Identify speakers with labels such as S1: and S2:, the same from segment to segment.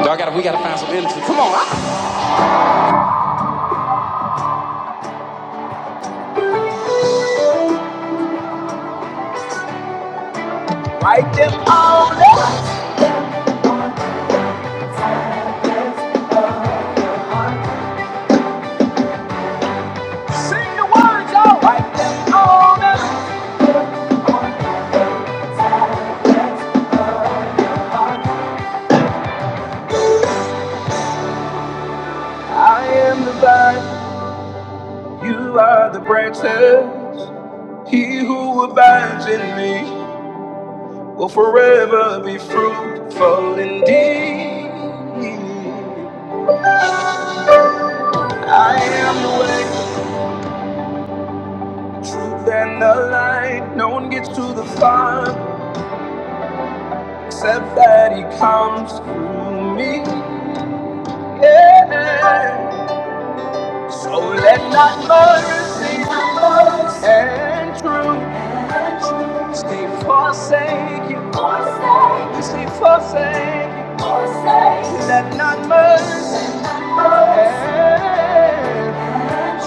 S1: I gotta, we gotta find some energy. Come on. I- I can sing the words, y'all. I can own it. I am the vine. You are the branches. He who abides in me will forever be fruitful indeed. I am the way, the truth, and the light. No one gets to the Father except that He comes through me. Yeah. So let not mercy and truth stay forsaken. Stay forsaken. Let not mercy and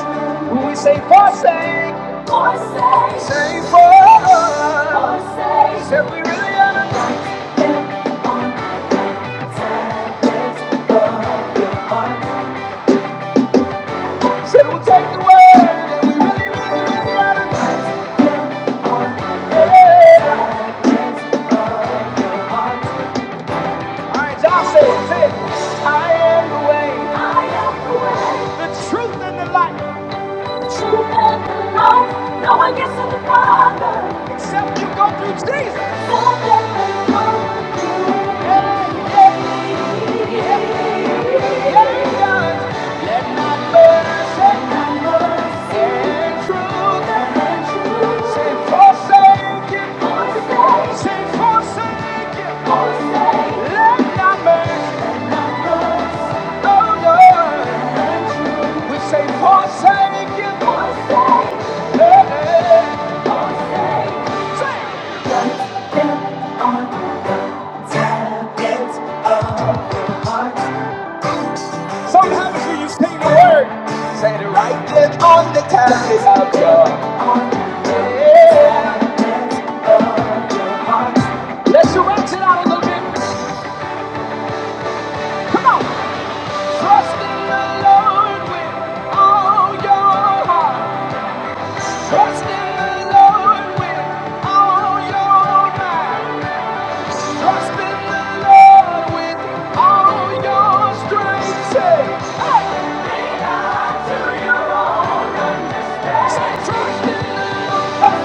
S1: truth. We say forsaken. Say for us. Say we really understand. Say we'll take the word. Alright, I am the way, the truth, and the life. Except you go through Jesus. let not mercy, mercy, and truth, Say, forsake it, forsake. Say, forsake forsake. Let not mercy, oh Lord. We say, forsake forsake. Sometimes you just need the word. Say the right there on the tablet of your head. Let's stretch it out a little bit. Come on. Trust in the Lord with all your heart. Trust in the Lord with all your mind. Trust in the Lord with all your strength. hey. trust in the Lord.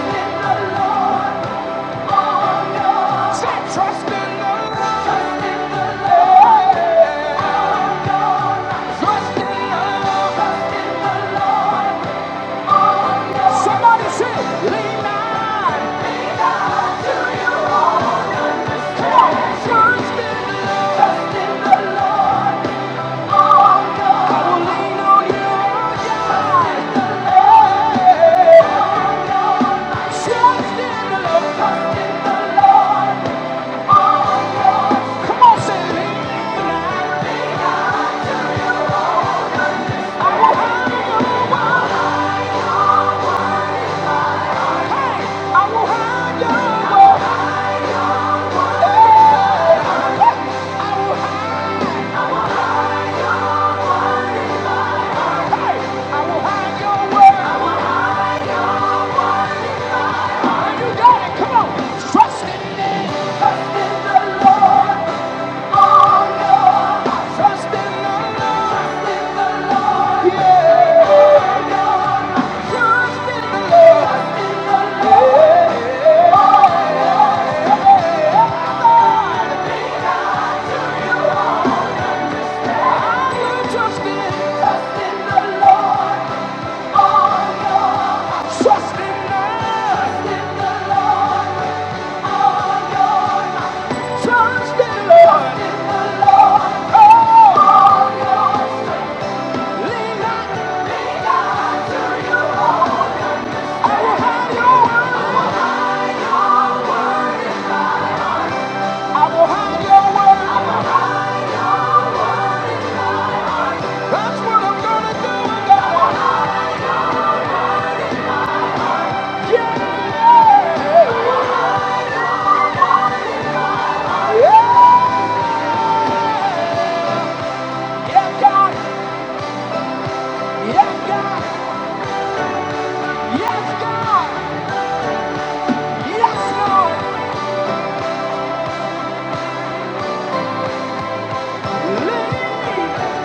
S1: with all your- trust in the Lord. Trust in the Lord. with all your- Trust in the Lord. Trust in the Lord. Somebody say, lean on. Lean on to your own understanding. Come on, trust in the Lord. Trust in the Lord. Oh, God. I will lean on you, oh, God. Hey, oh, God. Trust in the Lord. Trust in the Lord. Oh, God. Come on, say, lean on. Lean on to your own Hey, I will hide your I I will will your way. Hey, I will have yeah. Trust in, trust in the Lord, all your trust in the, trust in the Lord, all your trust in the Lord, trust in the Lord, all your lean not, lean not to your own understanding. I will hide your word. I will hide your word in my heart. That's what I'm gonna do. God. Yeah. Yeah. Yes, God. Yes, God. Yes, God. Yes, Lord. Lead. me,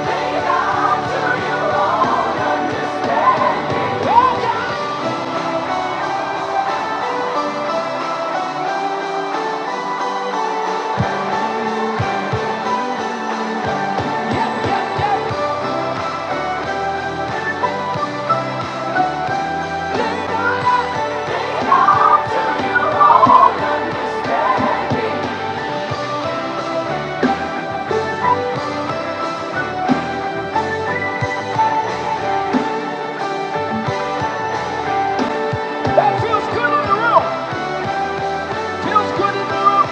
S1: Lead us to you. Yeah, God. Yes, yes, yes. Lead us. Lead us to you. All understand. That feels good in the room. Feels good in the room.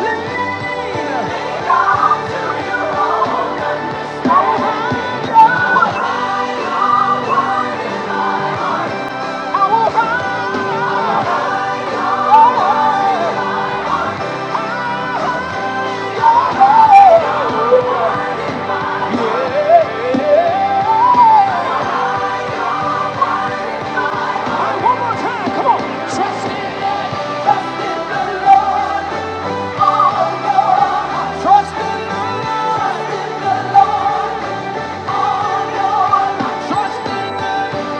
S1: Lean onto your own understanding. I will ride on your own. Yeah. one more time, come on. Trust in God, trust in the Lord. All your heart. Trust in the Lord, trust in the Lord. All your heart. Trust in the,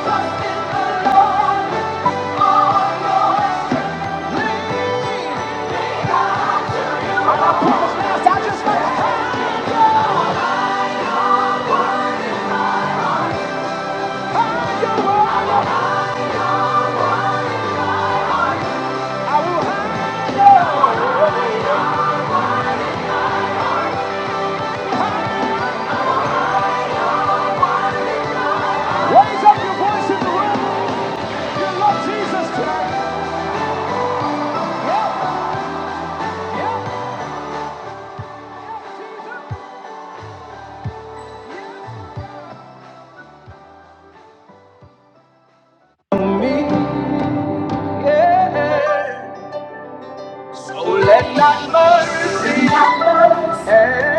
S1: trust in the Lord. All your heart. Lean, lean not to your I'm not promised now, so I just like Higher, higher, higher. Raise up Yeah. Yeah. Me, yeah. Oh, let not mercy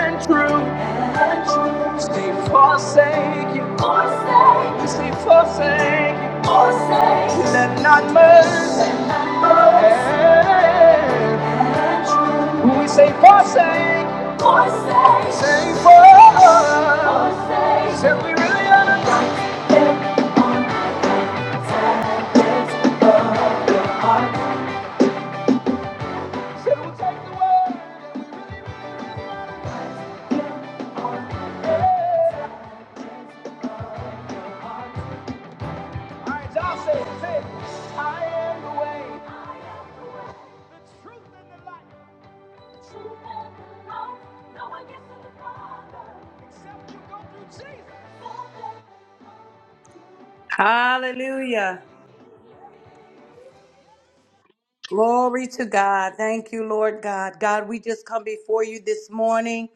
S1: and truth they forsake you. Forsake. You forsake you. Forsake. Let not mercy. We say forsake, forsake, say for, say we really are the heart, say we take the world. All right, y'all say it, say it. I am the way, truth, and the light.
S2: Hallelujah. Glory to God. Thank you, Lord God. God, we just come before you this morning.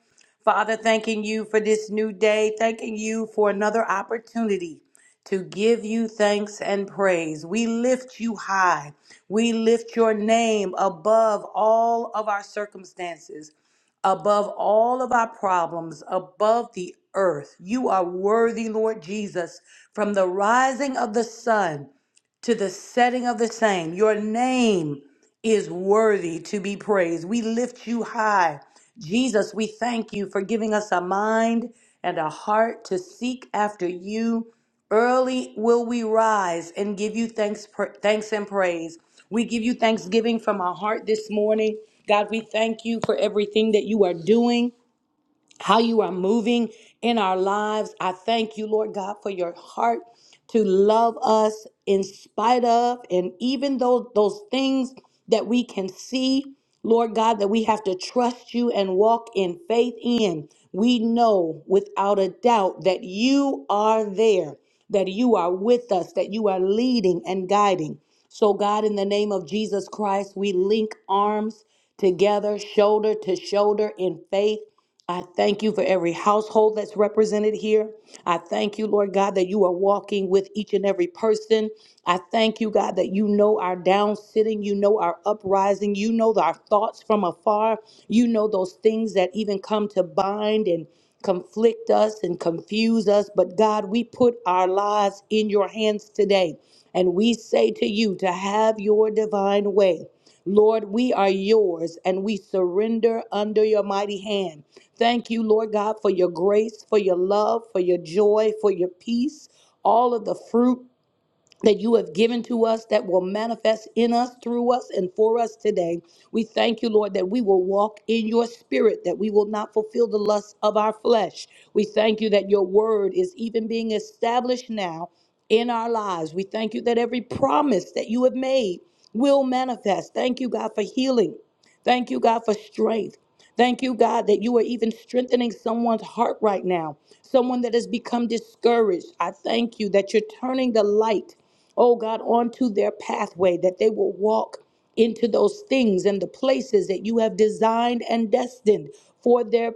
S2: Father, thanking you for this new day, thanking you for another opportunity to give you thanks and praise. We lift you high. We lift your name above all of our circumstances, above all of our problems, above the earth. You are worthy, Lord Jesus, from the rising of the sun to the setting of the same. Your name is worthy to be praised. We lift you high. Jesus, we thank you for giving us a mind and a heart to seek after you. Early will we rise and give you thanks, pr- thanks and praise. We give you thanksgiving from our heart this morning. God, we thank you for everything that you are doing how you are moving in our lives. I thank you, Lord God, for your heart to love us in spite of and even though those things that we can see, Lord God, that we have to trust you and walk in faith in. We know without a doubt that you are there, that you are with us, that you are leading and guiding. So, God, in the name of Jesus Christ, we link arms together, shoulder to shoulder in faith I thank you for every household that's represented here. I thank you, Lord God, that you are walking with each and every person. I thank you, God, that you know our down sitting, you know our uprising, you know our thoughts from afar, you know those things that even come to bind and conflict us and confuse us. But God, we put our lives in your hands today, and we say to you to have your divine way. Lord, we are yours and we surrender under your mighty hand. Thank you, Lord God, for your grace, for your love, for your joy, for your peace, all of the fruit that you have given to us that will manifest in us, through us, and for us today. We thank you, Lord, that we will walk in your spirit, that we will not fulfill the lusts of our flesh. We thank you that your word is even being established now in our lives. We thank you that every promise that you have made will manifest. Thank you, God, for healing. Thank you, God, for strength. Thank you, God, that you are even strengthening someone's heart right now, someone that has become discouraged. I thank you that you're turning the light oh God, onto their pathway, that they will walk into those things and the places that you have designed and destined for their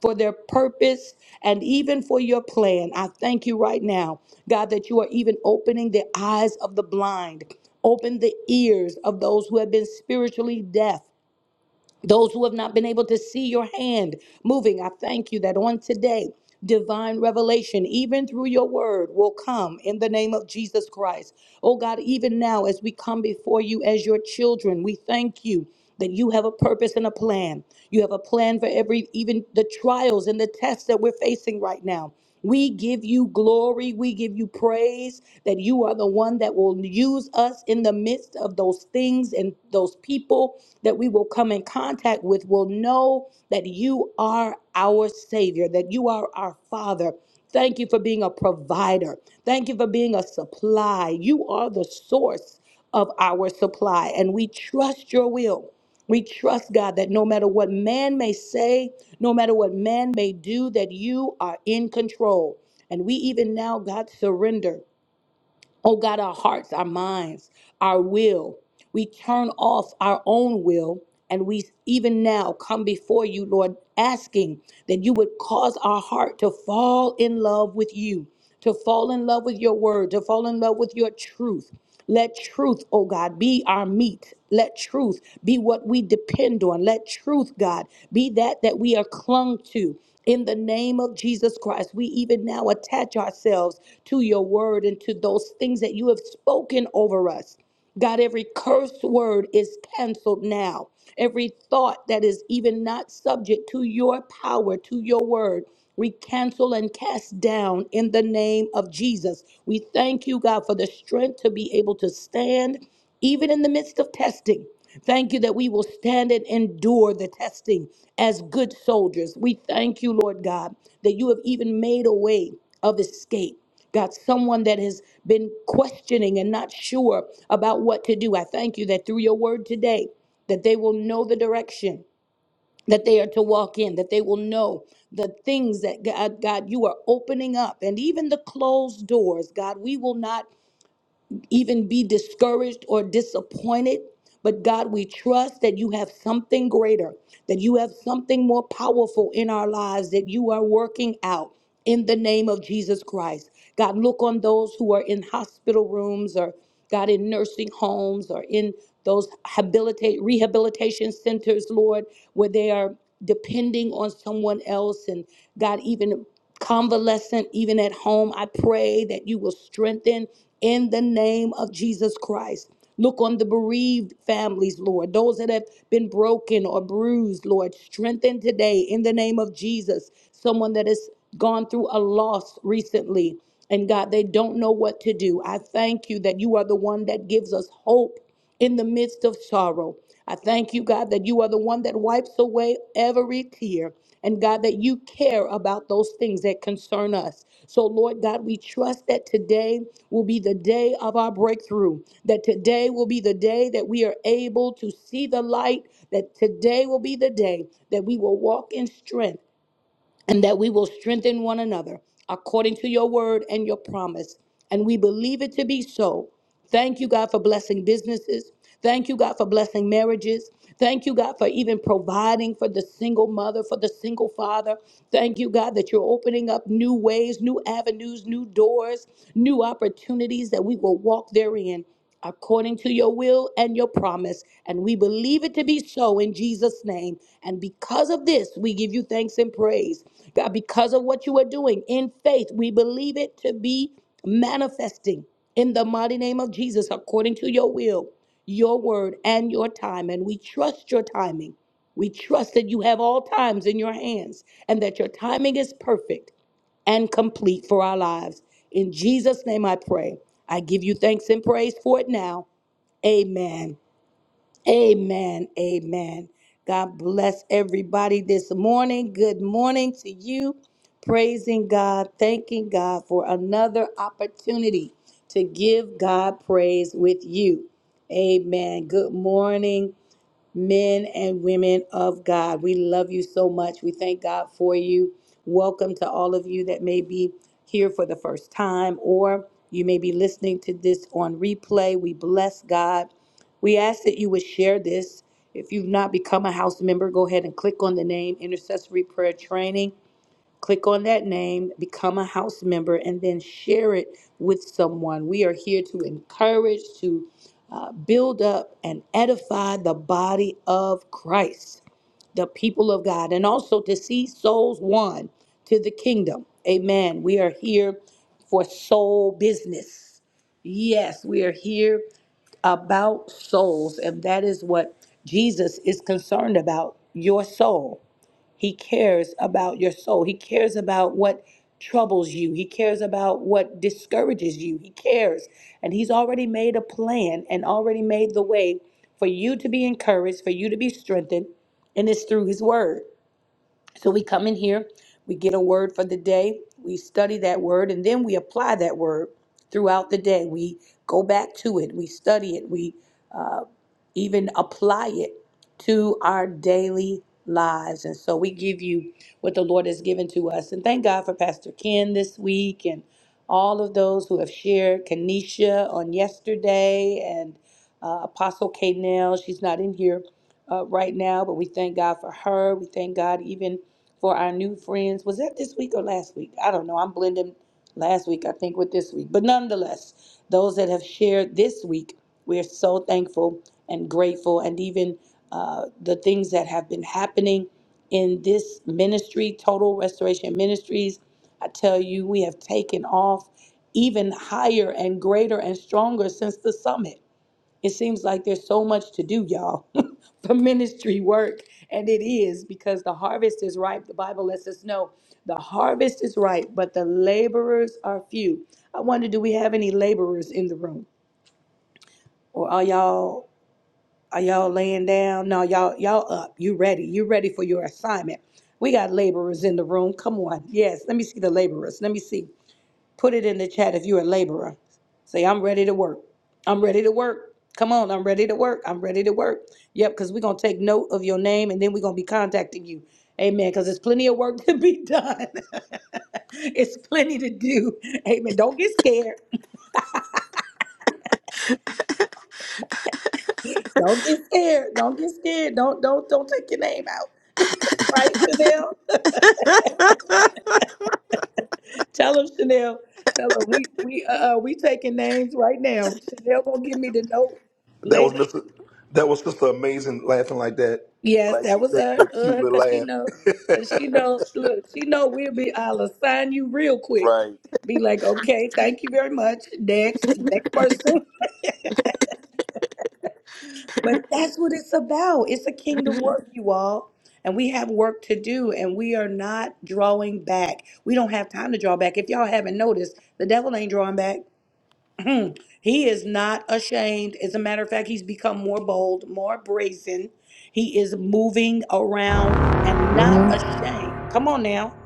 S2: for their purpose and even for your plan. I thank you right now, God, that you are even opening the eyes of the blind. Open the ears of those who have been spiritually deaf those who have not been able to see your hand moving, I thank you that on today, divine revelation, even through your word, will come in the name of Jesus Christ. Oh God, even now, as we come before you as your children, we thank you that you have a purpose and a plan. You have a plan for every, even the trials and the tests that we're facing right now. We give you glory. We give you praise that you are the one that will use us in the midst of those things and those people that we will come in contact with will know that you are our Savior, that you are our Father. Thank you for being a provider. Thank you for being a supply. You are the source of our supply, and we trust your will. We trust, God, that no matter what man may say, no matter what man may do, that you are in control. And we even now, God, surrender. Oh, God, our hearts, our minds, our will. We turn off our own will. And we even now come before you, Lord, asking that you would cause our heart to fall in love with you, to fall in love with your word, to fall in love with your truth. Let truth, oh God, be our meat. Let truth be what we depend on. Let truth, God, be that that we are clung to. In the name of Jesus Christ, we even now attach ourselves to your word and to those things that you have spoken over us. God, every curse word is canceled now. Every thought that is even not subject to your power, to your word, we cancel and cast down in the name of Jesus. We thank you, God, for the strength to be able to stand even in the midst of testing. Thank you that we will stand and endure the testing as good soldiers. We thank you, Lord God, that you have even made a way of escape. God, someone that has been questioning and not sure about what to do. I thank you that through your word today, that they will know the direction that they are to walk in, that they will know the things that God, God, you are opening up. And even the closed doors, God, we will not even be discouraged or disappointed. But God, we trust that you have something greater, that you have something more powerful in our lives that you are working out in the name of Jesus Christ. God, look on those who are in hospital rooms or God in nursing homes or in those habilitate rehabilitation centers, Lord, where they are depending on someone else and God even convalescent, even at home. I pray that you will strengthen in the name of Jesus Christ. Look on the bereaved families, Lord, those that have been broken or bruised, Lord. Strengthen today in the name of Jesus. Someone that has gone through a loss recently, and God, they don't know what to do. I thank you that you are the one that gives us hope in the midst of sorrow. I thank you, God, that you are the one that wipes away every tear. And God, that you care about those things that concern us. So, Lord God, we trust that today will be the day of our breakthrough, that today will be the day that we are able to see the light, that today will be the day that we will walk in strength and that we will strengthen one another according to your word and your promise. And we believe it to be so. Thank you, God, for blessing businesses. Thank you, God, for blessing marriages. Thank you, God, for even providing for the single mother, for the single father. Thank you, God, that you're opening up new ways, new avenues, new doors, new opportunities that we will walk therein according to your will and your promise. And we believe it to be so in Jesus' name. And because of this, we give you thanks and praise. God, because of what you are doing in faith, we believe it to be manifesting in the mighty name of Jesus, according to your will, your word, and your time. And we trust your timing. We trust that you have all times in your hands and that your timing is perfect and complete for our lives. In Jesus' name I pray. I give you thanks and praise for it now. Amen. Amen. Amen. God bless everybody this morning. Good morning to you. Praising God, thanking God for another opportunity to give God praise with you. Amen. Good morning men and women of God. We love you so much. We thank God for you. Welcome to all of you that may be here for the first time or you may be listening to this on replay. We bless God. We ask that you would share this. If you've not become a house member, go ahead and click on the name Intercessory Prayer Training click on that name, become a house member, and then share it with someone. We are here to encourage, to uh, build up, and edify the body of Christ, the people of God, and also to see souls won to the kingdom. Amen. We are here for soul business. Yes, we are here about souls, and that is what Jesus is concerned about your soul. He cares about your soul. He cares about what troubles you. He cares about what discourages you. He cares. And He's already made a plan and already made the way for you to be encouraged, for you to be strengthened. And it's through His Word. So we come in here, we get a word for the day, we study that word, and then we apply that word throughout the day. We go back to it, we study it, we uh, even apply it to our daily lives. And so we give you what the Lord has given to us. And thank God for Pastor Ken this week and all of those who have shared Kenesha on yesterday and uh, Apostle K. Nell. She's not in here uh, right now, but we thank God for her. We thank God even for our new friends. Was that this week or last week? I don't know. I'm blending last week, I think, with this week. But nonetheless, those that have shared this week, we're so thankful and grateful. And even uh, the things that have been happening in this ministry, Total Restoration Ministries, I tell you, we have taken off even higher and greater and stronger since the summit. It seems like there's so much to do, y'all, for ministry work. And it is because the harvest is ripe. The Bible lets us know the harvest is ripe, but the laborers are few. I wonder, do we have any laborers in the room? Or are y'all are y'all laying down? No, y'all, y'all up. You ready. You ready for your assignment. We got laborers in the room. Come on. Yes, let me see the laborers. Let me see. Put it in the chat if you're a laborer. Say, I'm ready to work. I'm ready to work. Come on, I'm ready to work. I'm ready to work. Yep, because we're going to take note of your name and then we're going to be contacting you. Amen. Because there's plenty of work to be done. it's plenty to do. Amen. Don't get scared. Don't get scared. Don't get scared. Don't don't don't take your name out. Right, Chanel? Tell them, Chanel. Tell them we we uh uh, we taking names right now. Chanel gonna give me the note later. Yes, that was her, uh, cause she know, cause she know. Look, she know we'll be. I'll assign you real quick. Be like, okay, thank you very much. Next, next person. But that's what it's about. It's a kingdom work, you all, and we have work to do, and we are not drawing back. We don't have time to draw back. If y'all haven't noticed, the devil ain't drawing back. Hmm. he is not ashamed. As a matter of fact, he's become more bold, more brazen. He is moving around and not
S3: hmm
S2: ashamed. Come on now.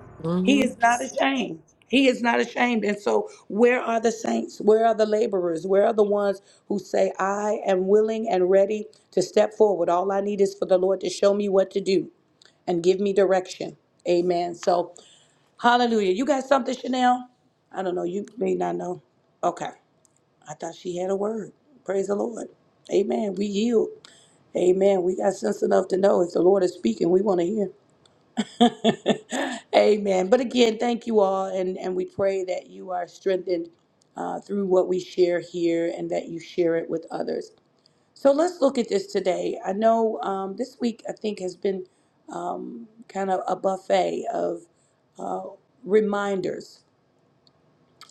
S2: He
S3: hmm
S2: is not ashamed. He is not ashamed. And so, where are the saints? Where are the laborers? Where are the ones who say, I am willing and ready to step forward? All I need is for the Lord to show me what to do and give me direction. Amen. So, hallelujah. You got something, Chanel? I don't know. You may not know. Okay. I thought she had a word. Praise the Lord. Amen. We yield. Amen. We got sense enough to know if the Lord is speaking, we want to hear. Amen. But again, thank you all. And, and we pray that you are strengthened uh, through what we share here and that you share it with others. So let's look at this today. I know um, this week, I think, has been um, kind of a buffet of uh, reminders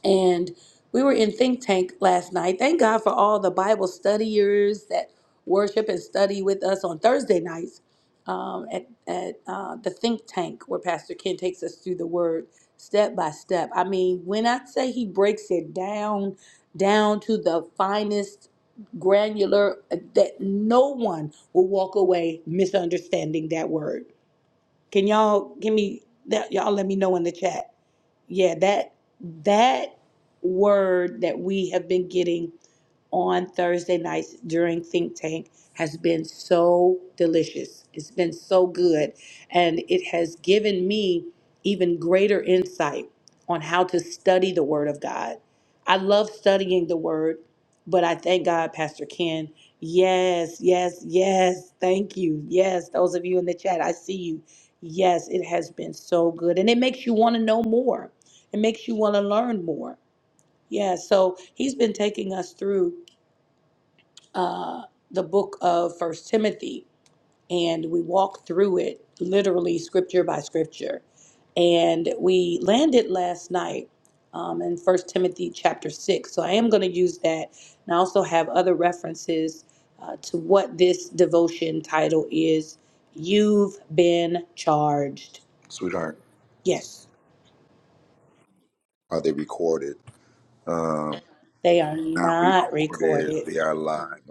S2: and we were in Think Tank last night. Thank God for all the Bible studiers that worship and study with us on Thursday nights um, at, at uh, the Think Tank, where Pastor Ken takes us through the word step by step. I mean, when I say he breaks it down, down to the finest granular, uh, that no one will walk away misunderstanding that word. Can y'all give me that? Y'all let me know in the chat yeah, that that word that we have been getting on Thursday nights during Think Tank has been so delicious. It's been so good. And it has given me even greater insight on how to study the Word of God. I love studying the Word, but I thank God, Pastor Ken. Yes, yes, yes. Thank you. Yes, those of you in the chat, I see you. Yes, it has been so good. And it makes you want to know more, it makes you want to learn more. Yeah, so he's been taking us through uh, the book of First Timothy, and we walked through it literally scripture by scripture. And we landed last night um, in First Timothy chapter six. So I am going to use that, and I also have other references uh, to what this devotion title is. You've been charged. Yes, they are not recorded.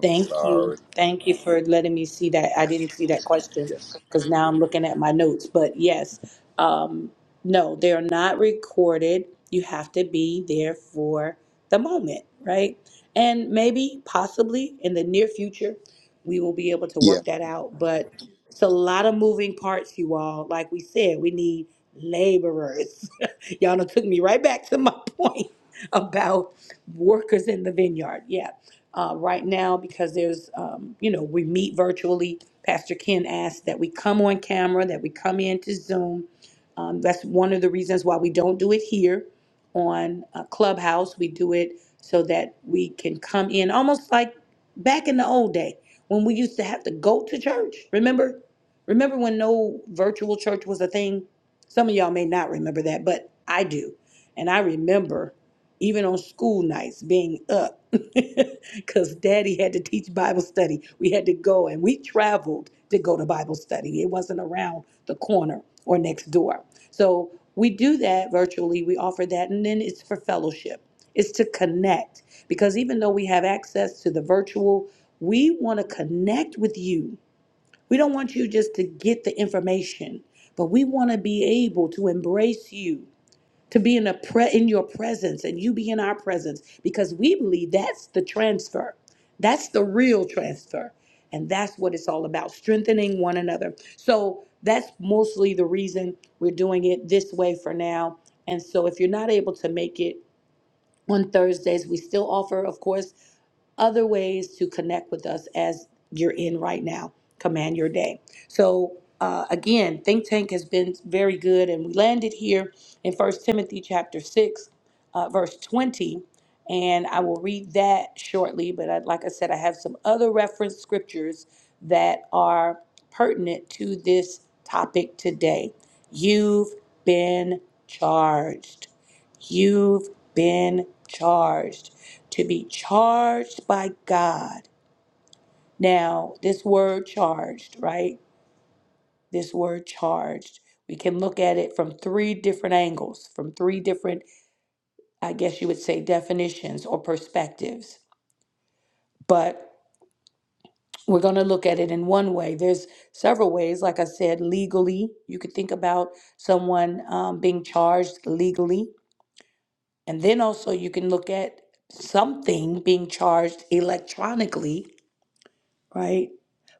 S2: Thank you. Thank you for letting me see that. I didn't see that question because now I'm looking at my notes. But yes, um, no, they're not recorded. You have to be there for the moment, right? And maybe, possibly in the near future, we will be able to work that out. But it's a lot of moving parts, you all. Like we said, we need laborers. Y'all done took me right back to my point about workers in the vineyard. Yeah uh, right now because there's, um, you know, we meet virtually. Pastor Ken asked that we come on camera, that we come into Zoom. Um, that's one of the reasons why we don't do it here on uh, Clubhouse. We do it so that we can come in almost like back in the old day when we used to have to go to church. Remember? Remember when no virtual church was a thing? Some of y'all may not remember that, but I do. And I remember even on school nights being up because daddy had to teach Bible study. We had to go and we traveled to go to Bible study. It wasn't around the corner or next door. So we do that virtually. We offer that. And then it's for fellowship, it's to connect because even though we have access to the virtual, we want to connect with you. We don't want you just to get the information, but we want to be able to embrace you to be in a pre- in your presence and you be in our presence because we believe that's the transfer. That's the real transfer. And that's what it's all about, strengthening one another. So that's mostly the reason we're doing it this way for now. And so if you're not able to make it on Thursdays, we still offer, of course, other ways to connect with us as you're in right now. Command your day. So uh, again, think tank has been very good, and we landed here in First Timothy chapter six, uh, verse twenty, and I will read that shortly. But I, like I said, I have some other reference scriptures that are pertinent to this topic today. You've been charged. You've been charged to be charged by God. Now, this word charged, right? This word charged, we can look at it from three different angles, from three different, I guess you would say, definitions or perspectives. But we're going to look at it in one way. There's several ways. Like I said, legally, you could think about someone um, being charged legally. And then also, you can look at something being charged electronically right?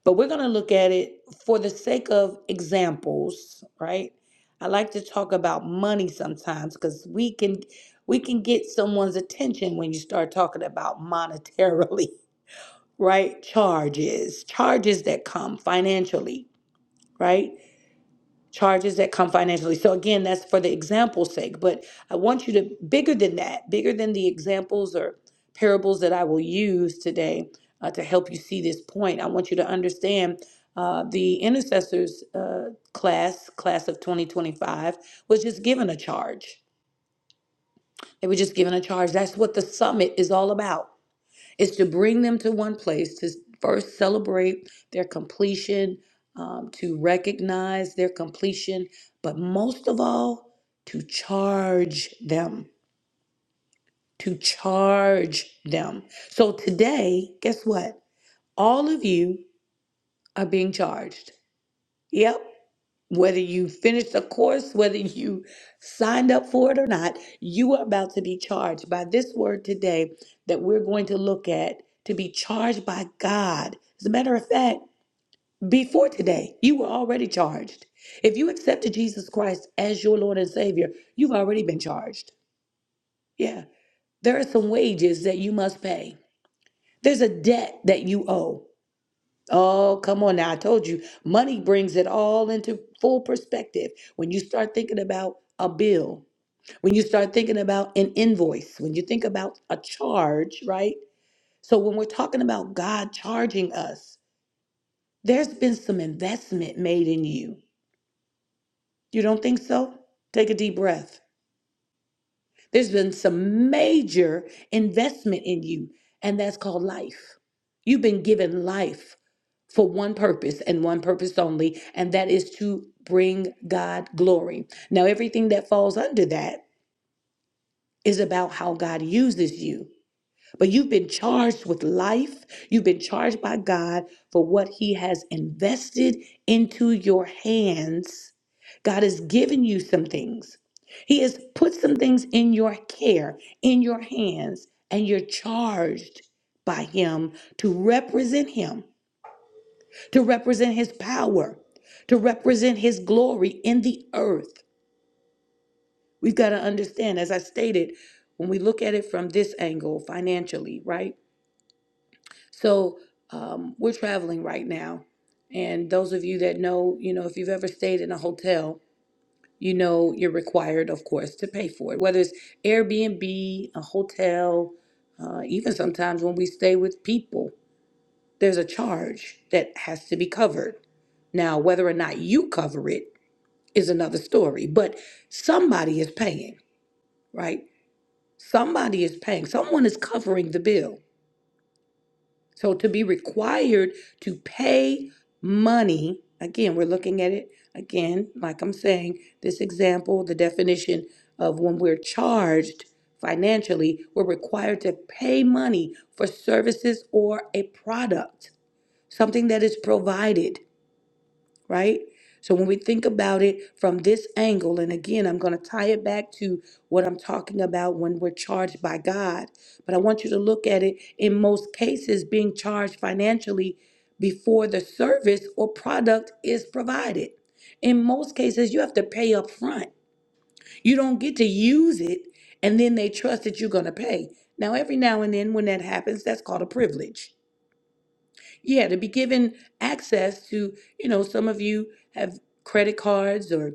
S2: But we're going to look at it for the sake of examples, right? I like to talk about money sometimes because we can we can get someone's attention when you start talking about monetarily, right? Charges, charges that come financially, right? charges that come financially. So again, that's for the example's sake, but I want you to bigger than that, bigger than the examples or parables that I will use today uh, to help you see this point. I want you to understand uh, the intercessors uh, class, class of 2025, was just given a charge. They were just given a charge. That's what the summit is all about is to bring them to one place to first celebrate their completion, um, to recognize their completion, but most of all, to charge them, to charge them. So today, guess what? All of you are being charged. Yep. Whether you finished a course, whether you signed up for it or not, you are about to be charged by this word today that we're going to look at to be charged by God. As a matter of fact, before today, you were already charged. If you accepted Jesus Christ as your Lord and Savior, you've already been charged. Yeah. There are some wages that you must pay, there's a debt that you owe. Oh, come on now. I told you, money brings it all into full perspective. When you start thinking about a bill, when you start thinking about an invoice, when you think about a charge, right? So when we're talking about God charging us, there's been some investment made in you. You don't think so? Take a deep breath. There's been some major investment in you, and that's called life. You've been given life. for one purpose and one purpose only, and that is to bring God glory. Now, everything that falls under that is about how God uses you. But you've been charged with life, you've been charged by God for what He has invested into your hands. God has given you some things, He has put some things in your care, in your hands, and you're charged by Him to represent Him to represent his power, to represent his glory in the earth. We've got to understand, as I stated, when we look at it from this angle financially, right? So um, we're traveling right now. And those of you that know, you know, if you've ever stayed in a hotel, you know you're required, of course, to pay for it, whether it's Airbnb, a hotel, uh, even sometimes when we stay with people, there's a charge that has to be covered. Now, whether or not you cover it is another story, but somebody is paying, right? Somebody is paying. Someone is covering the bill. So to be required to pay money, again, we're looking at it again, like I'm saying, this example, the definition of when we're charged financially, we're required to pay money for services or a product, something that is provided. right? So when we think about it from this angle, and again, I'm going to tie it back to what I'm talking about when we're charged by God, but I want you to look at it in most cases being charged financially before the service or product is provided. In most cases, you have to pay up front. You don't get to use it and then they trust that you're going to pay. Now, every now and then when that happens, that's called a privilege yeah, to be given access to, you know, some of you have credit cards or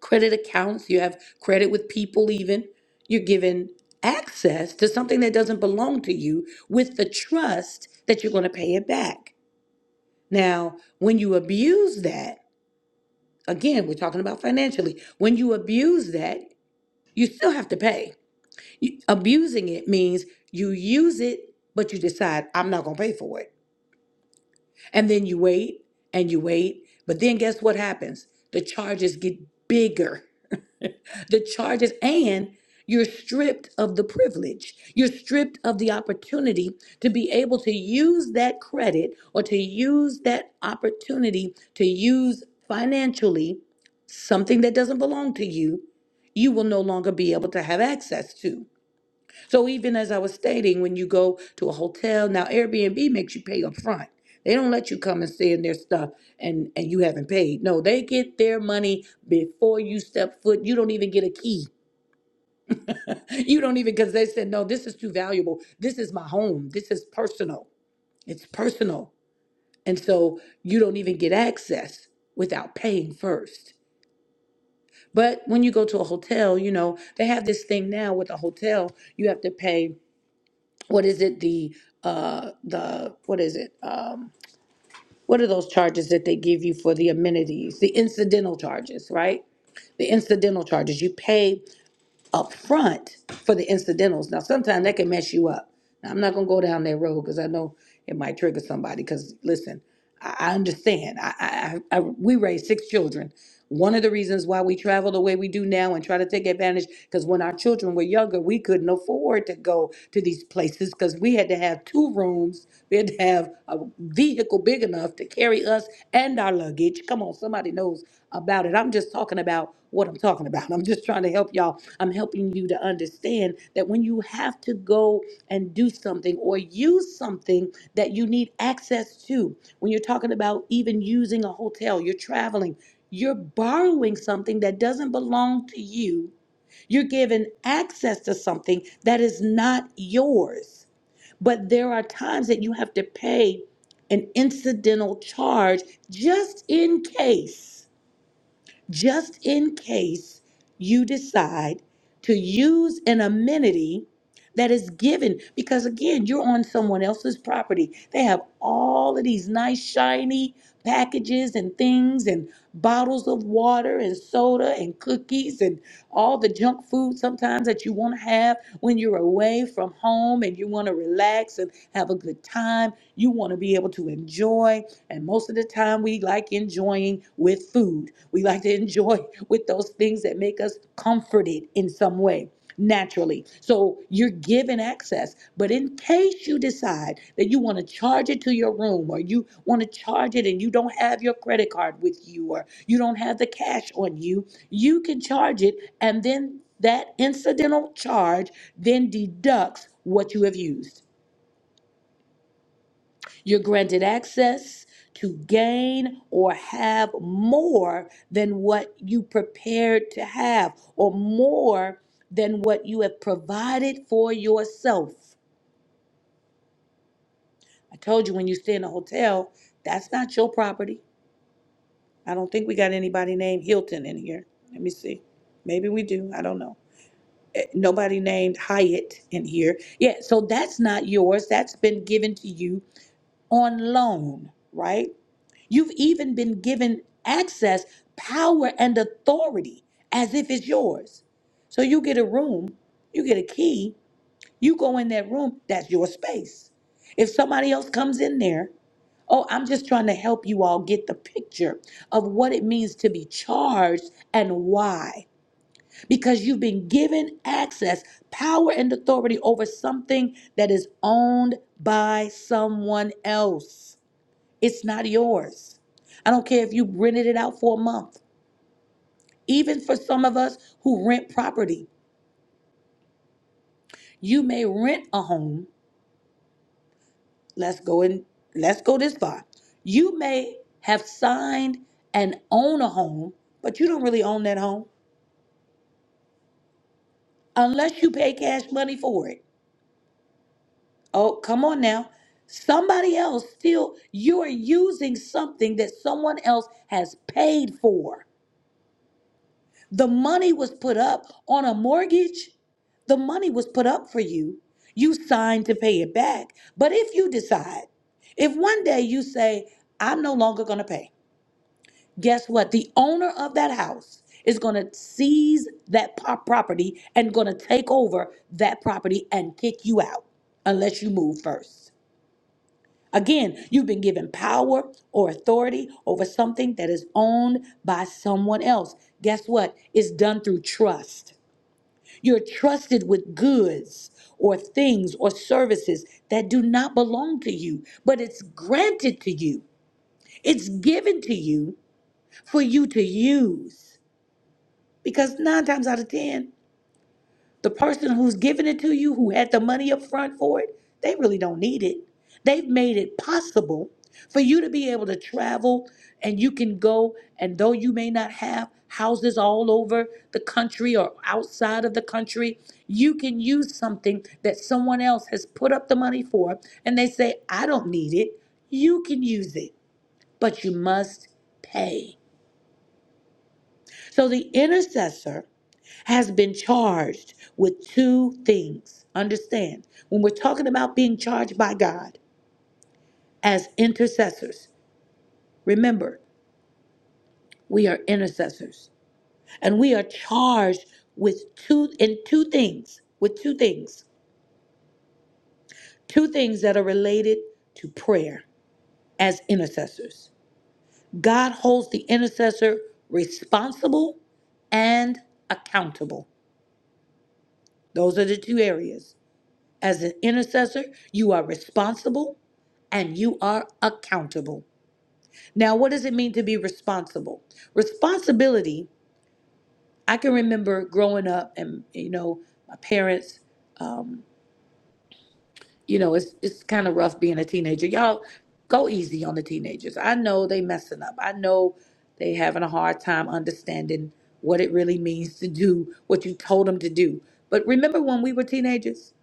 S2: credit accounts, you have credit with people even. You're given access to something that doesn't belong to you with the trust that you're going to pay it back. Now, when you abuse that, again, we're talking about financially. When you abuse that, you still have to pay. You- Abusing it means you use it, but you decide, I'm not going to pay for it. And then you wait and you wait. But then guess what happens? The charges get bigger. the charges, and you're stripped of the privilege. You're stripped of the opportunity to be able to use that credit or to use that opportunity to use financially something that doesn't belong to you. You will no longer be able to have access to. So even as I was stating, when you go to a hotel, now Airbnb makes you pay up front. They don't let you come and stay in their stuff and, and you haven't paid. No, they get their money before you step foot. You don't even get a key. You don't even because they said, no, this is too valuable. This is my home. This is personal. It's personal. And so you don't even get access without paying first. But when you go to a hotel, you know, they have this thing now with a hotel, you have to pay what is it the uh the what is it um what are those charges that they give you for the amenities the incidental charges right the incidental charges you pay up front for the incidentals. Now, sometimes that can mess you up. Now, I'm not gonna go down that road because I know it might trigger somebody. Because listen, I, I understand. I, I, I, I- we raised six children. One of the reasons why we travel the way we do now and try to take advantage, because when our children were younger, we couldn't afford to go to these places because we had to have two rooms. We had to have a vehicle big enough to carry us and our luggage. Come on, somebody knows about it. I'm just talking about what I'm talking about. I'm just trying to help y'all. I'm helping you to understand that when you have to go and do something or use something that you need access to, when you're talking about even using a hotel, you're traveling, you're borrowing something that doesn't belong to you. You're given access to something that is not yours. But there are times that you have to pay an incidental charge just in case just in case you decide to use an amenity that is given because again you're on someone else's property they have all of these nice shiny packages and things and bottles of water and soda and cookies and all the junk food sometimes that you want to have when you're away from home and you want to relax and have a good time. You want to be able to enjoy. And most of the time, we like enjoying with food. We like to enjoy with those things that make us comforted in some way naturally. So you're given access. But in case you decide that you want to charge it to your room or you want to charge it and you don't have your credit card with you or you don't have the cash on you, you can charge it and then that incidental charge then deducts what you have used. You're granted access to gain or have more than what you prepared to have, or more than what you have provided for yourself. I told you when you stay in a hotel, that's not your property. I don't think we got anybody named Hilton in here. Let me see. Maybe we do. I don't know. Eh, Nobody named Hyatt in here. Yeah, so that's not yours. That's been given to you on loan, right? You've even been given access, power, and authority as if it's yours. So you get a room, you get a key, you go in that room, that's your space. If somebody else comes in there, oh, I'm just trying to help you all get the picture of what it means to be charged and why. Because you've been given access, power, and authority over something that is owned by someone else. It's not yours. I don't care if you rented it out for a month. Even for some of us who rent property, you may rent a home. Let's go in, let's go this far. You may have signed and own a home, but you don't really own that home unless you pay cash money for it. Oh, come on now. Somebody else still, you are using something that someone else has paid for. The money was put up on a mortgage. The money was put up for you. You signed to pay it back. But if you decide, if one day you say, I'm no longer going to pay, guess what? The owner of that house is going to seize that po- property and going to take over that property and kick you out unless you move first. Again, you've been given power or authority over something that is owned by someone else. Guess what? It's done through trust. You're trusted with goods or things or services that do not belong to you, but it's granted to you. It's given to you for you to use. Because nine times out of 10, the person who's giving it to you, who had the money up front for it, they really don't need it. They've made it possible for you to be able to travel and you can go, and though you may not have houses all over the country or outside of the country, you can use something that someone else has put up the money for, and they say, I don't need it. You can use it, but you must pay. So the intercessor has been charged with two things. Understand, when we're talking about being charged by God as intercessors, remember, we are intercessors and we are charged with two in two things, with two things, two things that are related to prayer as intercessors. God holds the intercessor responsible and accountable. Those are the two areas. As an intercessor, you are responsible and you are accountable. Now, what does it mean to be responsible? Responsibility, I can remember growing up and, you know, my parents, um, you know, it's, it's kind of rough being a teenager. Y'all go easy on the teenagers. I know they messing up. I know they having a hard time understanding what it really means to do what you told them to do. But remember when we were teenagers?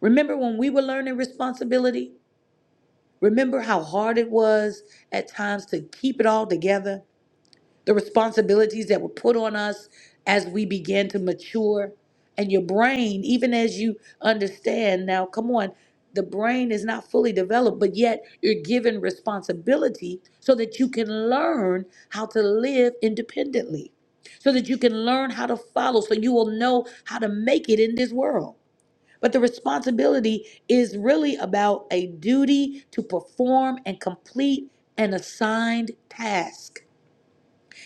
S2: Remember when we were learning responsibility? Remember how hard it was at times to keep it all together? The responsibilities that were put on us as we began to mature. And your brain, even as you understand now, come on, the brain is not fully developed, but yet you're given responsibility so that you can learn how to live independently, so that you can learn how to follow, so you will know how to make it in this world. But the responsibility is really about a duty to perform and complete an assigned task.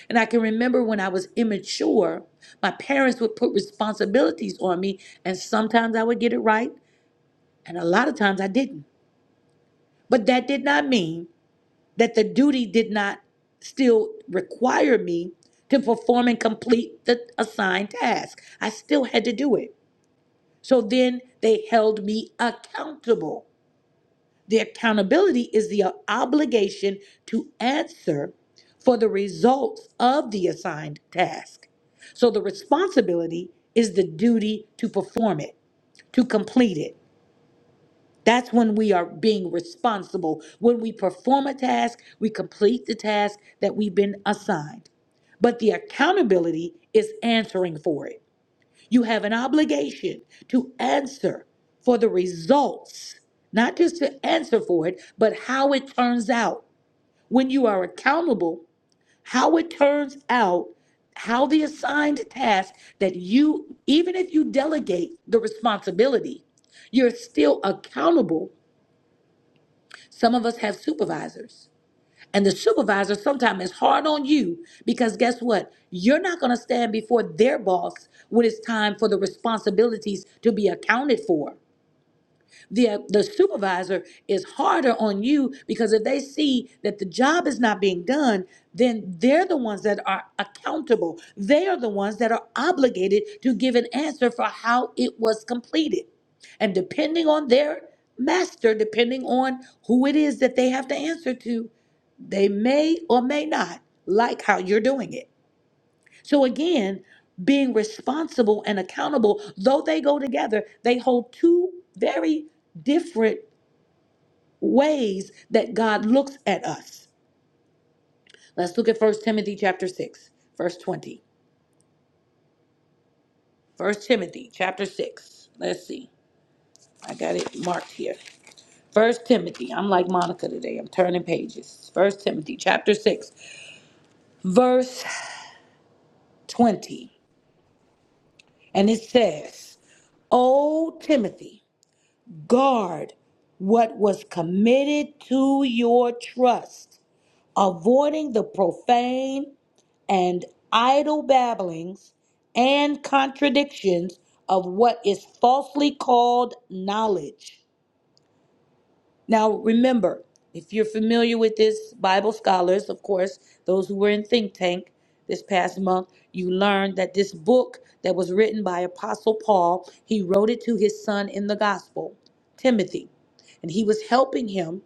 S2: And I can remember when I was immature, my parents would put responsibilities on me, and sometimes I would get it right, and a lot of times I didn't. But that did not mean that the duty did not still require me to perform and complete the assigned task. I still had to do it. So then they held me accountable. The accountability is the obligation to answer for the results of the assigned task. So the responsibility is the duty to perform it, to complete it. That's when we are being responsible. When we perform a task, we complete the task that we've been assigned. But the accountability is answering for it. You have an obligation to answer for the results, not just to answer for it, but how it turns out. When you are accountable, how it turns out, how the assigned task that you, even if you delegate the responsibility, you're still accountable. Some of us have supervisors. And the supervisor sometimes is hard on you because guess what? You're not going to stand before their boss when it's time for the responsibilities to be accounted for. The, uh, the supervisor is harder on you because if they see that the job is not being done, then they're the ones that are accountable. They are the ones that are obligated to give an answer for how it was completed. And depending on their master, depending on who it is that they have to answer to, they may or may not like how you're doing it. So, again, being responsible and accountable, though they go together, they hold two very different ways that God looks at us. Let's look at First Timothy chapter 6, verse 20. First Timothy chapter 6. Let's see. I got it marked here. First Timothy. I'm like Monica today. I'm turning pages. First Timothy chapter 6, verse 20. And it says, O Timothy, guard what was committed to your trust, avoiding the profane and idle babblings and contradictions of what is falsely called knowledge now, remember, if you're familiar with this, Bible scholars, of course, those who were in think tank this past month, you learned that this book that was written by Apostle Paul, he wrote it to his son in the gospel, Timothy. And he was helping him.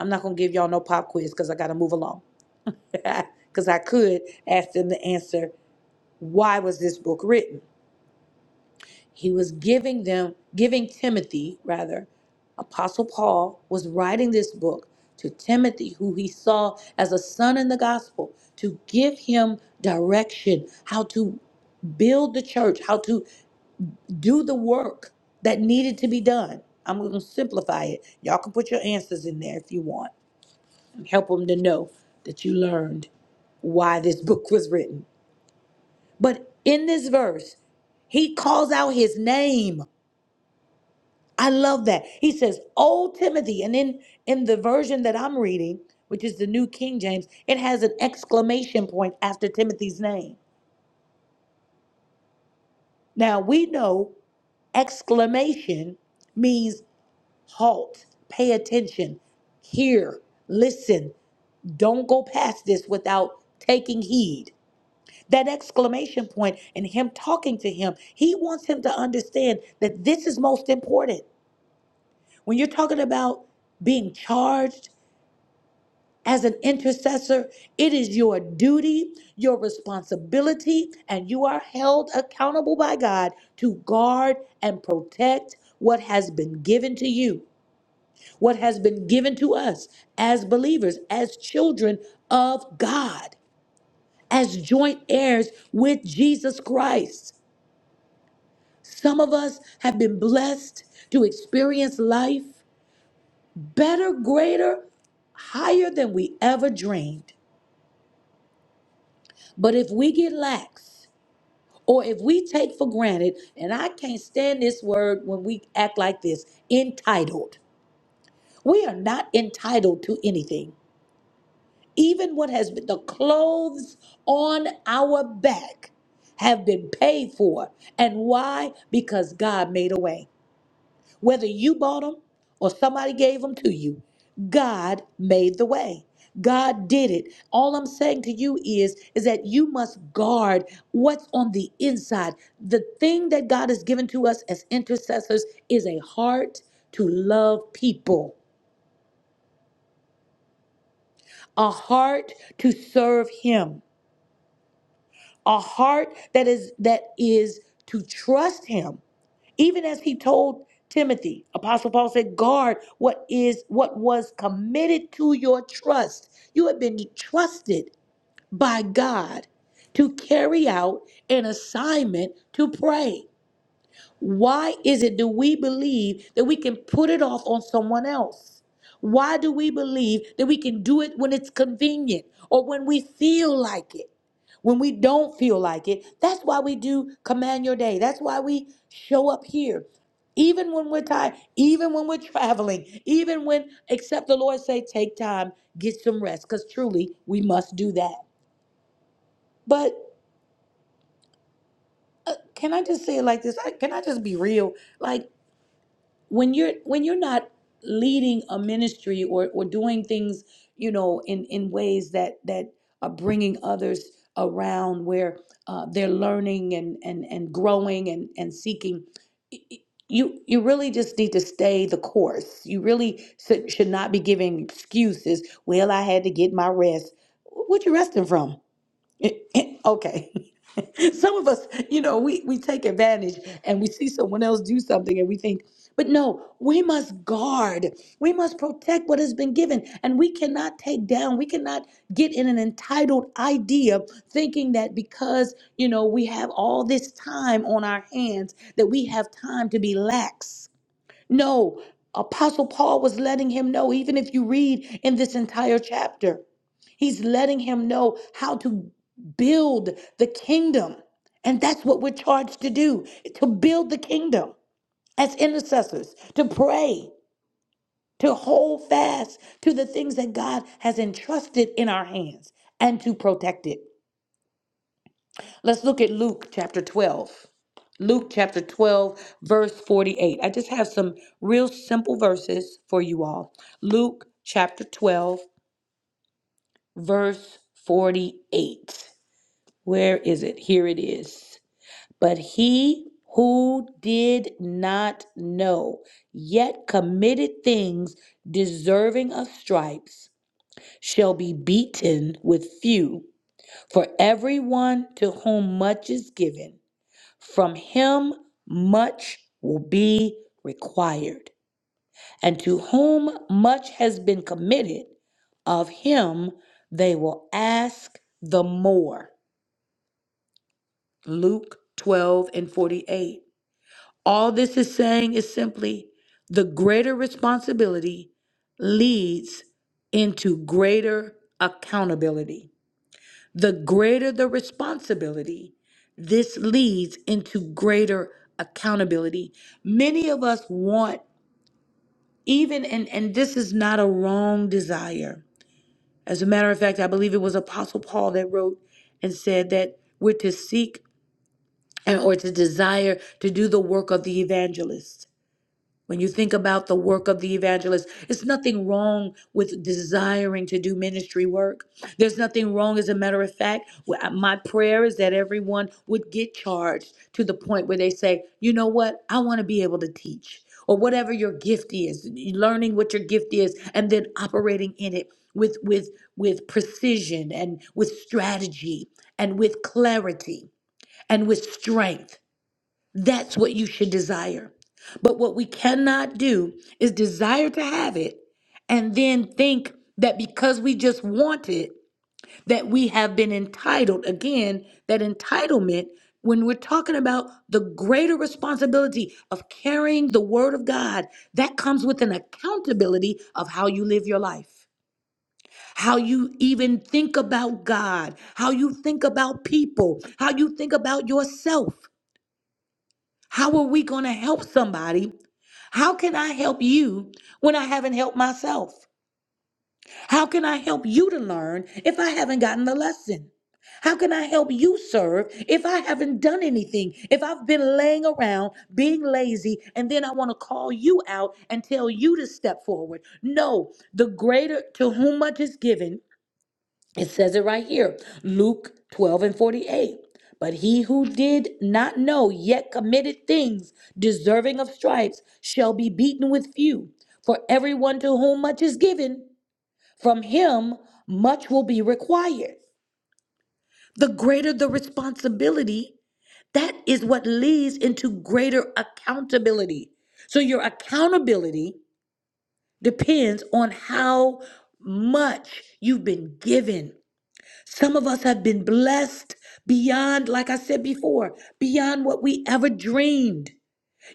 S2: I'm not going to give y'all no pop quiz because I got to move along. Because I could ask them to answer why was this book written? he was giving them giving timothy rather apostle paul was writing this book to timothy who he saw as a son in the gospel to give him direction how to build the church how to do the work that needed to be done i'm going to simplify it y'all can put your answers in there if you want and help them to know that you learned why this book was written but in this verse he calls out his name I love that. He says, "O Timothy," and in in the version that I'm reading, which is the New King James, it has an exclamation point after Timothy's name. Now we know exclamation means halt, pay attention, hear, listen. Don't go past this without taking heed. That exclamation point and him talking to him, he wants him to understand that this is most important. When you're talking about being charged As an intercessor, it is your duty, your responsibility, and you are held accountable by God to guard and protect what has been given to you, what has been given to us as believers, as children of God, as joint heirs with Jesus Christ. Some of us have been blessed to experience life better, greater, higher than we ever dreamed. But if we get lax, Or if we take for granted, and I can't stand this word when we act like this entitled. We are not entitled to anything. Even what has been the clothes on our back have been paid for. And why? Because God made a way. Whether you bought them or somebody gave them to you, God made the way. God did it. All I'm saying to you is is that you must guard what's on the inside. The thing that God has given to us as intercessors is a heart to love people, a heart to serve him, a heart that is that is to trust him even as he told Timothy, Apostle Paul said, guard what is what was committed to your trust. You have been trusted by God to carry out an assignment to pray. Why is it do we believe that we can put it off on someone else? Why do we believe that we can do it when it's convenient or when we feel like it? When we don't feel like it, that's why we do command your day. That's why we show up here. Even when we're tired, even when we're traveling, even when except the Lord say take time, get some rest cuz truly we must do that. But uh, can I just say it like this? I, can I just be real? Like when you're when you're not leading a ministry or or doing things you know in in ways that that are bringing others around where uh, they're learning and and and growing and and seeking y- y- you you really just need to stay the course you really should should not be giving excuses well i had to get my rest what you resting from okay. Some of us, you know, we, we take advantage and we see someone else do something and we think, but no, we must guard. We must protect what has been given. And we cannot take down, we cannot get in an entitled idea thinking that because, you know, we have all this time on our hands, that we have time to be lax no, Apostle Paul was letting him know, even if you read in this entire chapter, he's letting him know how to build the kingdom. And that's what we're charged to do to build the kingdom as intercessors, to pray, to hold fast to the things that God has entrusted in our hands, and to protect it. Let's look at Luke chapter 12. Luke chapter 12, verse 48. I just have some real simple verses for you all. Luke chapter 12, verse 48. Where is it? Here it is. But he who did not know, yet committed things deserving of stripes, shall be beaten with few. For everyone to whom much is given, From him much will be required. And to whom much has been committed, of him they will ask the more. Luke 12 and 48. All this is saying is simply the greater responsibility leads into greater accountability. the greater the responsibility, this leads into greater accountability. Many of us want, even, and, and this is not a wrong desire. As a matter of fact, I believe it was Apostle Paul that wrote and said that we're to seek and, or to desire to do the work of the evangelist when you think about the work of the evangelist, it's nothing wrong with desiring to do ministry work. There's nothing wrong, as a matter of fact. wh- uh, My prayer is that everyone would get charged to the point where they say, you know what, I want to be able to teach, or whatever your gift is, learning what your gift is, and then operating in it with with with precision and with strategy and with clarity and with strength. That's what you should desire. But what we cannot do is desire to have it and then think that because we just want it, that we have been entitled. Again, that entitlement, when we're talking about the greater responsibility of carrying the word of God, that comes with an accountability of how you live your life how you even think about God, how you think about people, how you think about yourself. How are we going to help somebody? How can I help you when I haven't helped myself? How can I help you to learn if I haven't gotten the lesson? How can I help you serve if I haven't done anything? If I've been laying around, being lazy, and then I want to call you out and tell you to step forward? No, the greater to whom much is given it says it right here Luke 12 and 48. But he who did not know yet committed things deserving of stripes shall be beaten with few. For everyone to whom much is given, from him much will be required. The greater the responsibility, that is what leads into greater accountability. So your accountability depends on how much you've been given. Some of us have been blessed beyond, like I said before, beyond what we ever dreamed.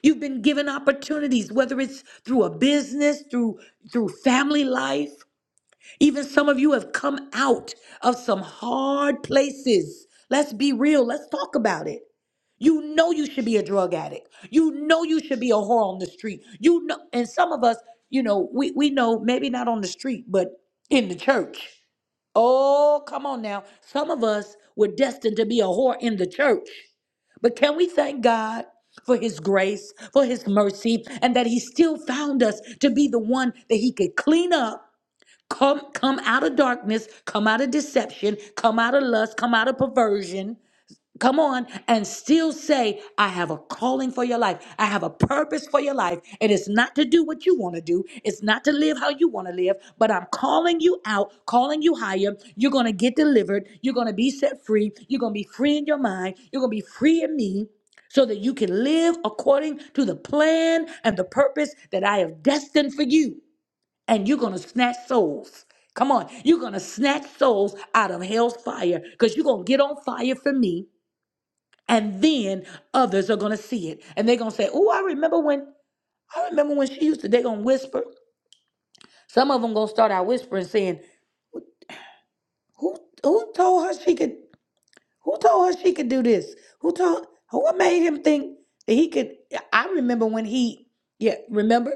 S2: You've been given opportunities, whether it's through a business, through through family life. Even some of you have come out of some hard places. Let's be real. Let's talk about it. You know you should be a drug addict. You know you should be a whore on the street. You know, and some of us, you know, we, we know maybe not on the street, but in the church. Oh, come on now. Some of us were destined to be a whore in the church. But can we thank God for his grace, for his mercy, and that he still found us to be the one that he could clean up, come come out of darkness, come out of deception, come out of lust, come out of perversion come on and still say i have a calling for your life i have a purpose for your life it is not to do what you want to do it's not to live how you want to live but i'm calling you out calling you higher you're going to get delivered you're going to be set free you're going to be free in your mind you're going to be free in me so that you can live according to the plan and the purpose that i have destined for you and you're going to snatch souls come on you're going to snatch souls out of hell's fire because you're going to get on fire for me and then others are gonna see it, and they're gonna say, "Oh, I remember when I remember when she used to." They're gonna whisper. Some of them gonna start out whispering, saying, "Who who told her she could? Who told her she could do this? Who told? Who made him think that he could?" I remember when he, yeah, remember.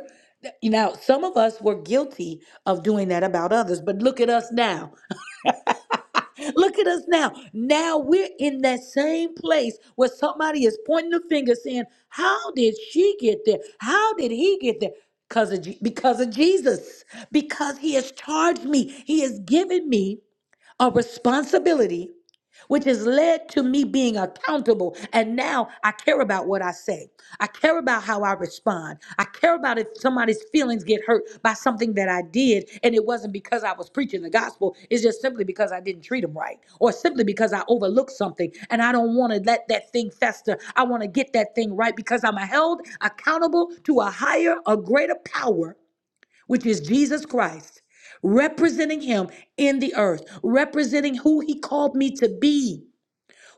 S2: You know, some of us were guilty of doing that about others, but look at us now. Look at us now. Now we're in that same place where somebody is pointing the finger saying, How did she get there? How did he get there? Because of, Je- because of Jesus. Because he has charged me. He has given me a responsibility, which has led to me being accountable. And now I care about what I say. I care about how I respond. I care about if somebody's feelings get hurt by something that I did, and it wasn't because I was preaching the gospel. It's just simply because I didn't treat them right, or simply because I overlooked something, and I don't want to let that thing fester. I want to get that thing right because I'm held accountable to a higher, a greater power which is Jesus Christ, representing him in the earth, representing who he called me to be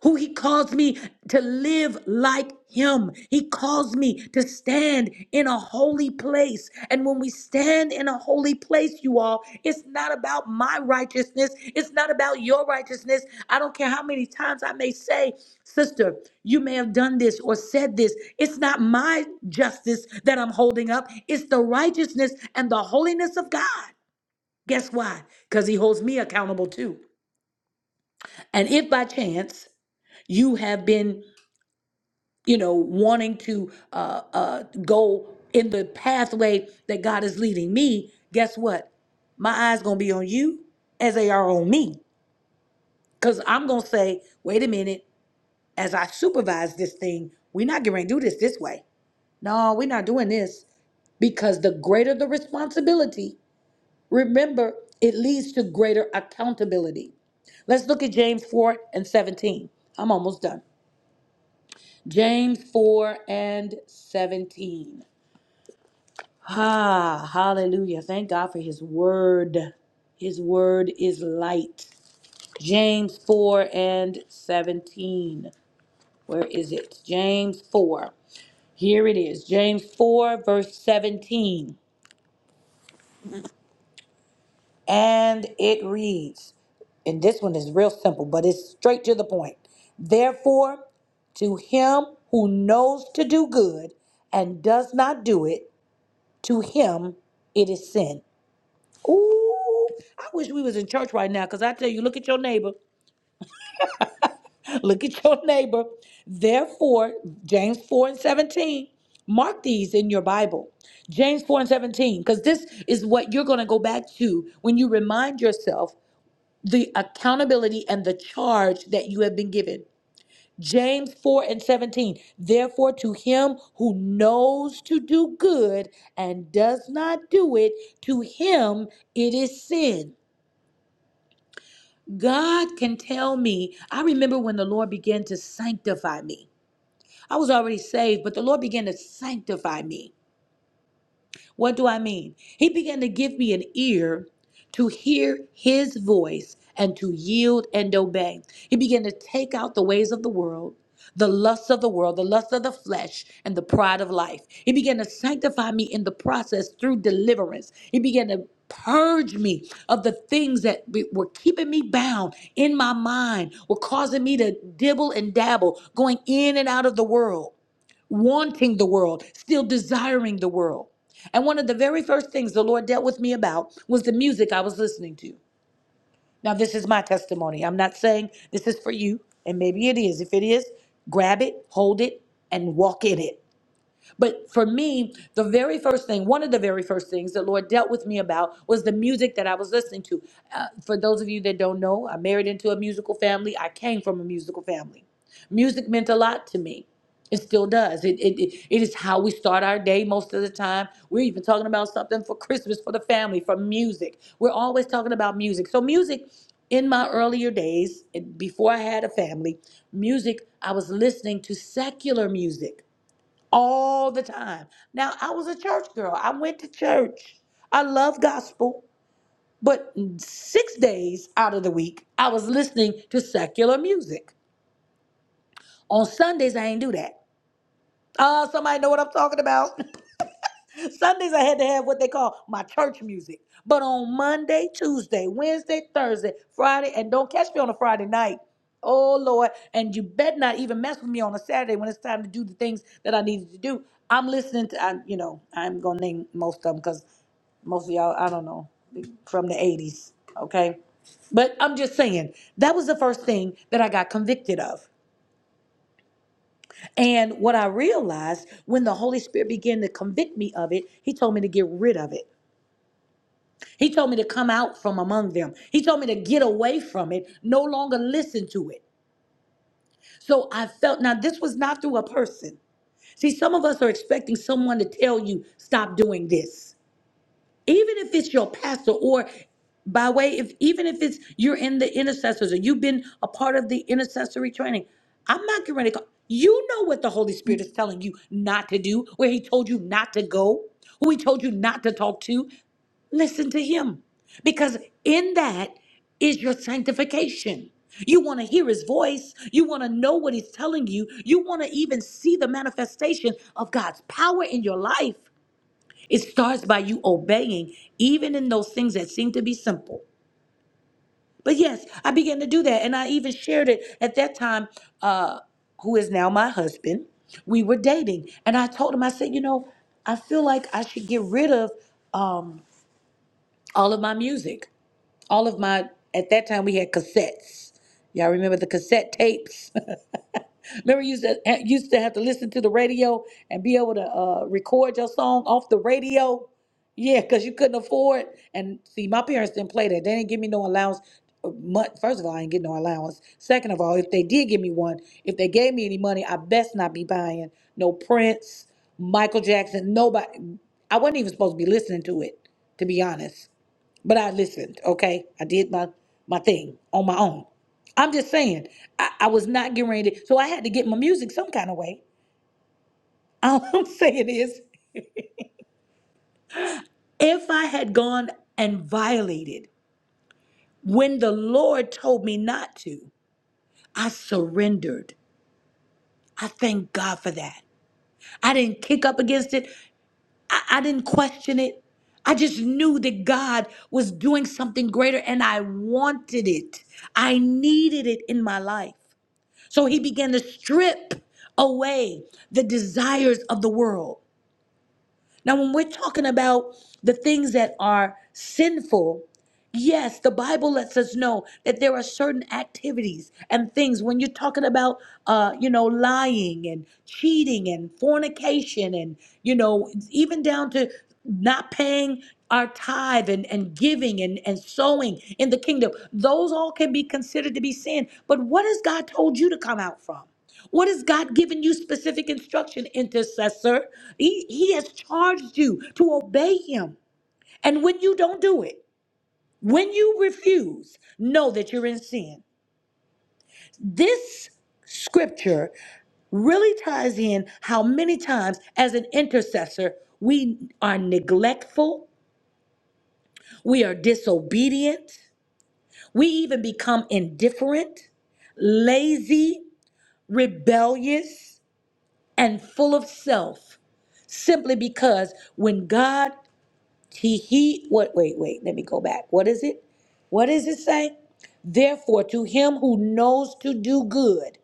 S2: who he calls me to live like him. He calls me to stand in a holy place. And when we stand in a holy place, you all, it's not about my righteousness. It's not about your righteousness. I don't care how many times I may say, sister, you may have done this or said this. It's not my justice that I'm holding up, it's the righteousness and the holiness of God. Guess why? Because he holds me accountable too. And if by chance, you have been you know, wanting to uh, uh, go in the pathway that God is leading me, guess what? My eyes gonna be on you as they are on me, cause I'm gonna say, wait a minute, as I supervise this thing, we're not gonna do this this way. No, we're not doing this because the greater the responsibility, remember, it leads to greater accountability. Let's look at James 4 and 17. I'm almost done. James 4 and 17. Ah, hallelujah. Thank God for his word. His word is light. James 4 and 17. Where is it? James 4. Here it is. James 4, verse 17. And it reads, and this one is real simple, but it's straight to the point. Therefore, to him who knows to do good and does not do it, to him it is sin. Ooh, I wish we was in church right now, because I tell you, look at your neighbor. Look at your neighbor. Therefore, James 4 and 17, mark these in your Bible. James 4 and 17, because this is what you're going to go back to when you remind yourself the accountability and the charge that you have been given. James 4 and 17, therefore, to him who knows to do good and does not do it, to him it is sin. God can tell me. I remember when the Lord began to sanctify me. I was already saved, but the Lord began to sanctify me. What do I mean? He began to give me an ear to hear his voice and to yield and obey. He began to take out the ways of the world. The lusts of the world, the lust of the flesh, and the pride of life. He began to sanctify me in the process through deliverance. He began to purge me of the things that be- were keeping me bound in my mind, were causing me to dibble and dabble, going in and out of the world wanting the world, still desiring the world. And one of the very first things the Lord dealt with me about was the music I was listening to. Now, this is my testimony. I'm not saying this is for you, and maybe it is. If it is, grab it, hold it, and walk in it. But for me, the very first thing, one of the very first things the Lord dealt with me about was the music that I was listening to. Uh, for those of you that don't know, I married into a musical family. I came from a musical family. Music meant a lot to me. It still does. It, it, it, it is how we start our day most of the time. We're even talking about something for Christmas for the family, for music. We're always talking about music. So, music in my earlier days, and before I had a family, music, I was listening to secular music all the time. Now, I was a church girl. I went to church. I love gospel, but 6 days out of the week, I was listening to secular music. On Sundays, I ain't do that. Uh, somebody know what I'm talking about? Sundays I had to have what they call my church music. But on Monday, Tuesday, Wednesday, Thursday, Friday, and don't catch me on a Friday night. Oh Lord. And you bet not even mess with me on a Saturday when it's time to do the things that I needed to do. I'm listening to I, you know, I'm gonna name most of them because most of y'all, I don't know, from the 80s, okay? But I'm just saying, that was the first thing that I got convicted of. And what I realized when the Holy Spirit began to convict me of it, He told me to get rid of it. He told me to come out from among them. He told me to get away from it, no longer listen to it. So I felt, now this was not through a person. See, some of us are expecting someone to tell you, stop doing this even if it's your pastor or by way if even if it's you're in the intercessors or you've been a part of the intercessory training i'm not getting ready to call. you know what the holy spirit is telling you not to do where he told you not to go who he told you not to talk to listen to him because in that is your sanctification you want to hear his voice you want to know what he's telling you you want to even see the manifestation of god's power in your life it starts by you obeying, even in those things that seem to be simple. But yes, I began to do that. And I even shared it at that time, uh, who is now my husband. We were dating. And I told him, I said, you know, I feel like I should get rid of um, all of my music all of my at that time we had cassettes. Y'all remember the cassette tapes? remember you used to, used to have to listen to the radio and be able to uh, record your song off the radio. Yeah, because you couldn't afford. And see, my parents didn't play that. They didn't give me no allowance. Uh, mu- First of all, I didn't get no allowance. Second of all, if they did give me one, if they gave me any money, I best not be buying no Prince, Michael Jackson, nobody. I wasn't even supposed to be listening to it, to be honest but I listened, okay? I did my my thing on my own. I'm just saying, I, I was not getting ready. to- so I had to get my music some kind of way. All I'm saying is, if I had gone and violated when the Lord told me not to, I surrendered. I thank God for that. I didn't kick up against it. I, I didn't question it. I just knew that God was doing something greater and I wanted it. I needed it in my life. So he began to strip away the desires of the world. Now, when we're talking about the things that are sinful, Yes, the Bible lets us know that there are certain activities and things when you're talking about, uh, you know, lying and cheating and fornication and, you know, even down to not paying our tithe and, and giving and, and sowing in the kingdom. Those all can be considered to be sin. But what has God told you to come out from? What has God given you specific instruction, intercessor? He, he has charged you to obey him. And when you don't do it, when you refuse, know that you're in sin. This scripture really ties in how many times, as an intercessor, we are neglectful, we are disobedient, we even become indifferent, lazy, rebellious, and full of self simply because when God He, he, what, wait, wait, let me go back. What is it? What does it say? Therefore, to him who knows to do good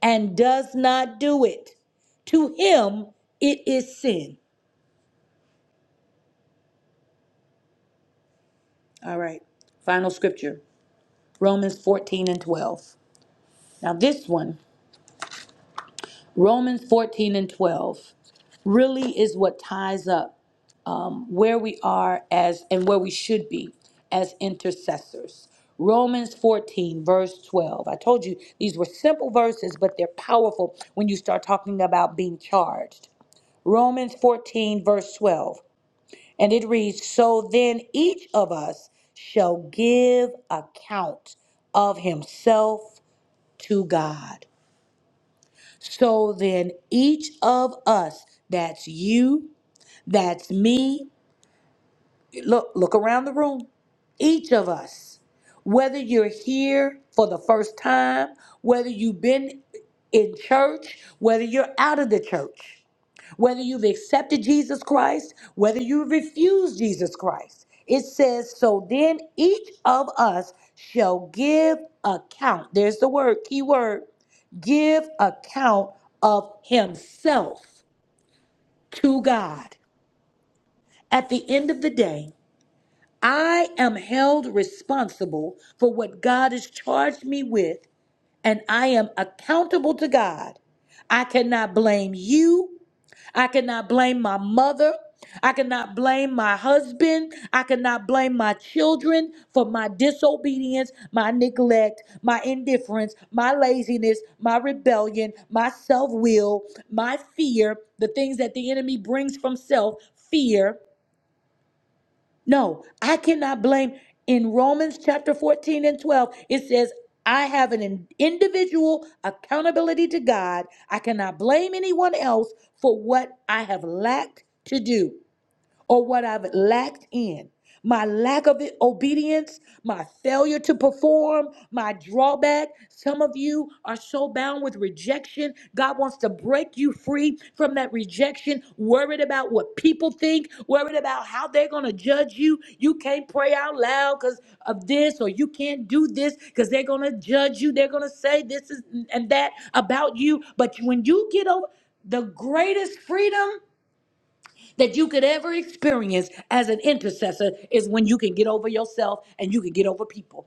S2: and does not do it, to him it is sin. All right, final scripture Romans 14 and 12. Now, this one, Romans 14 and 12, really is what ties up um, where we are as and where we should be as intercessors. Romans 14, verse 12. I told you these were simple verses, but they're powerful when you start talking about being charged. Romans 14, verse 12. And it reads So then each of us shall give account of himself to God. So then each of us, that's you, that's me, look look around the room each of us whether you're here for the first time whether you've been in church whether you're out of the church whether you've accepted jesus christ whether you refuse jesus christ it says so then each of us shall give account there's the word key word give account of himself to god at the end of the day I am held responsible for what God has charged me with, and I am accountable to God. I cannot blame you. I cannot blame my mother. I cannot blame my husband. I cannot blame my children for my disobedience, my neglect, my indifference, my laziness, my rebellion, my self will, my fear, the things that the enemy brings from self, fear. No, I cannot blame. In Romans chapter 14 and 12, it says, I have an in- individual accountability to God. I cannot blame anyone else for what I have lacked to do or what I've lacked in. My lack of obedience, my failure to perform, my drawback. Some of you are so bound with rejection. God wants to break you free from that rejection, worried about what people think, worried about how they're going to judge you. You can't pray out loud because of this, or you can't do this because they're going to judge you. They're going to say this is, and that about you. But when you get over, the greatest freedom that you could ever experience as an intercessor is when you can get over yourself and you can get over people.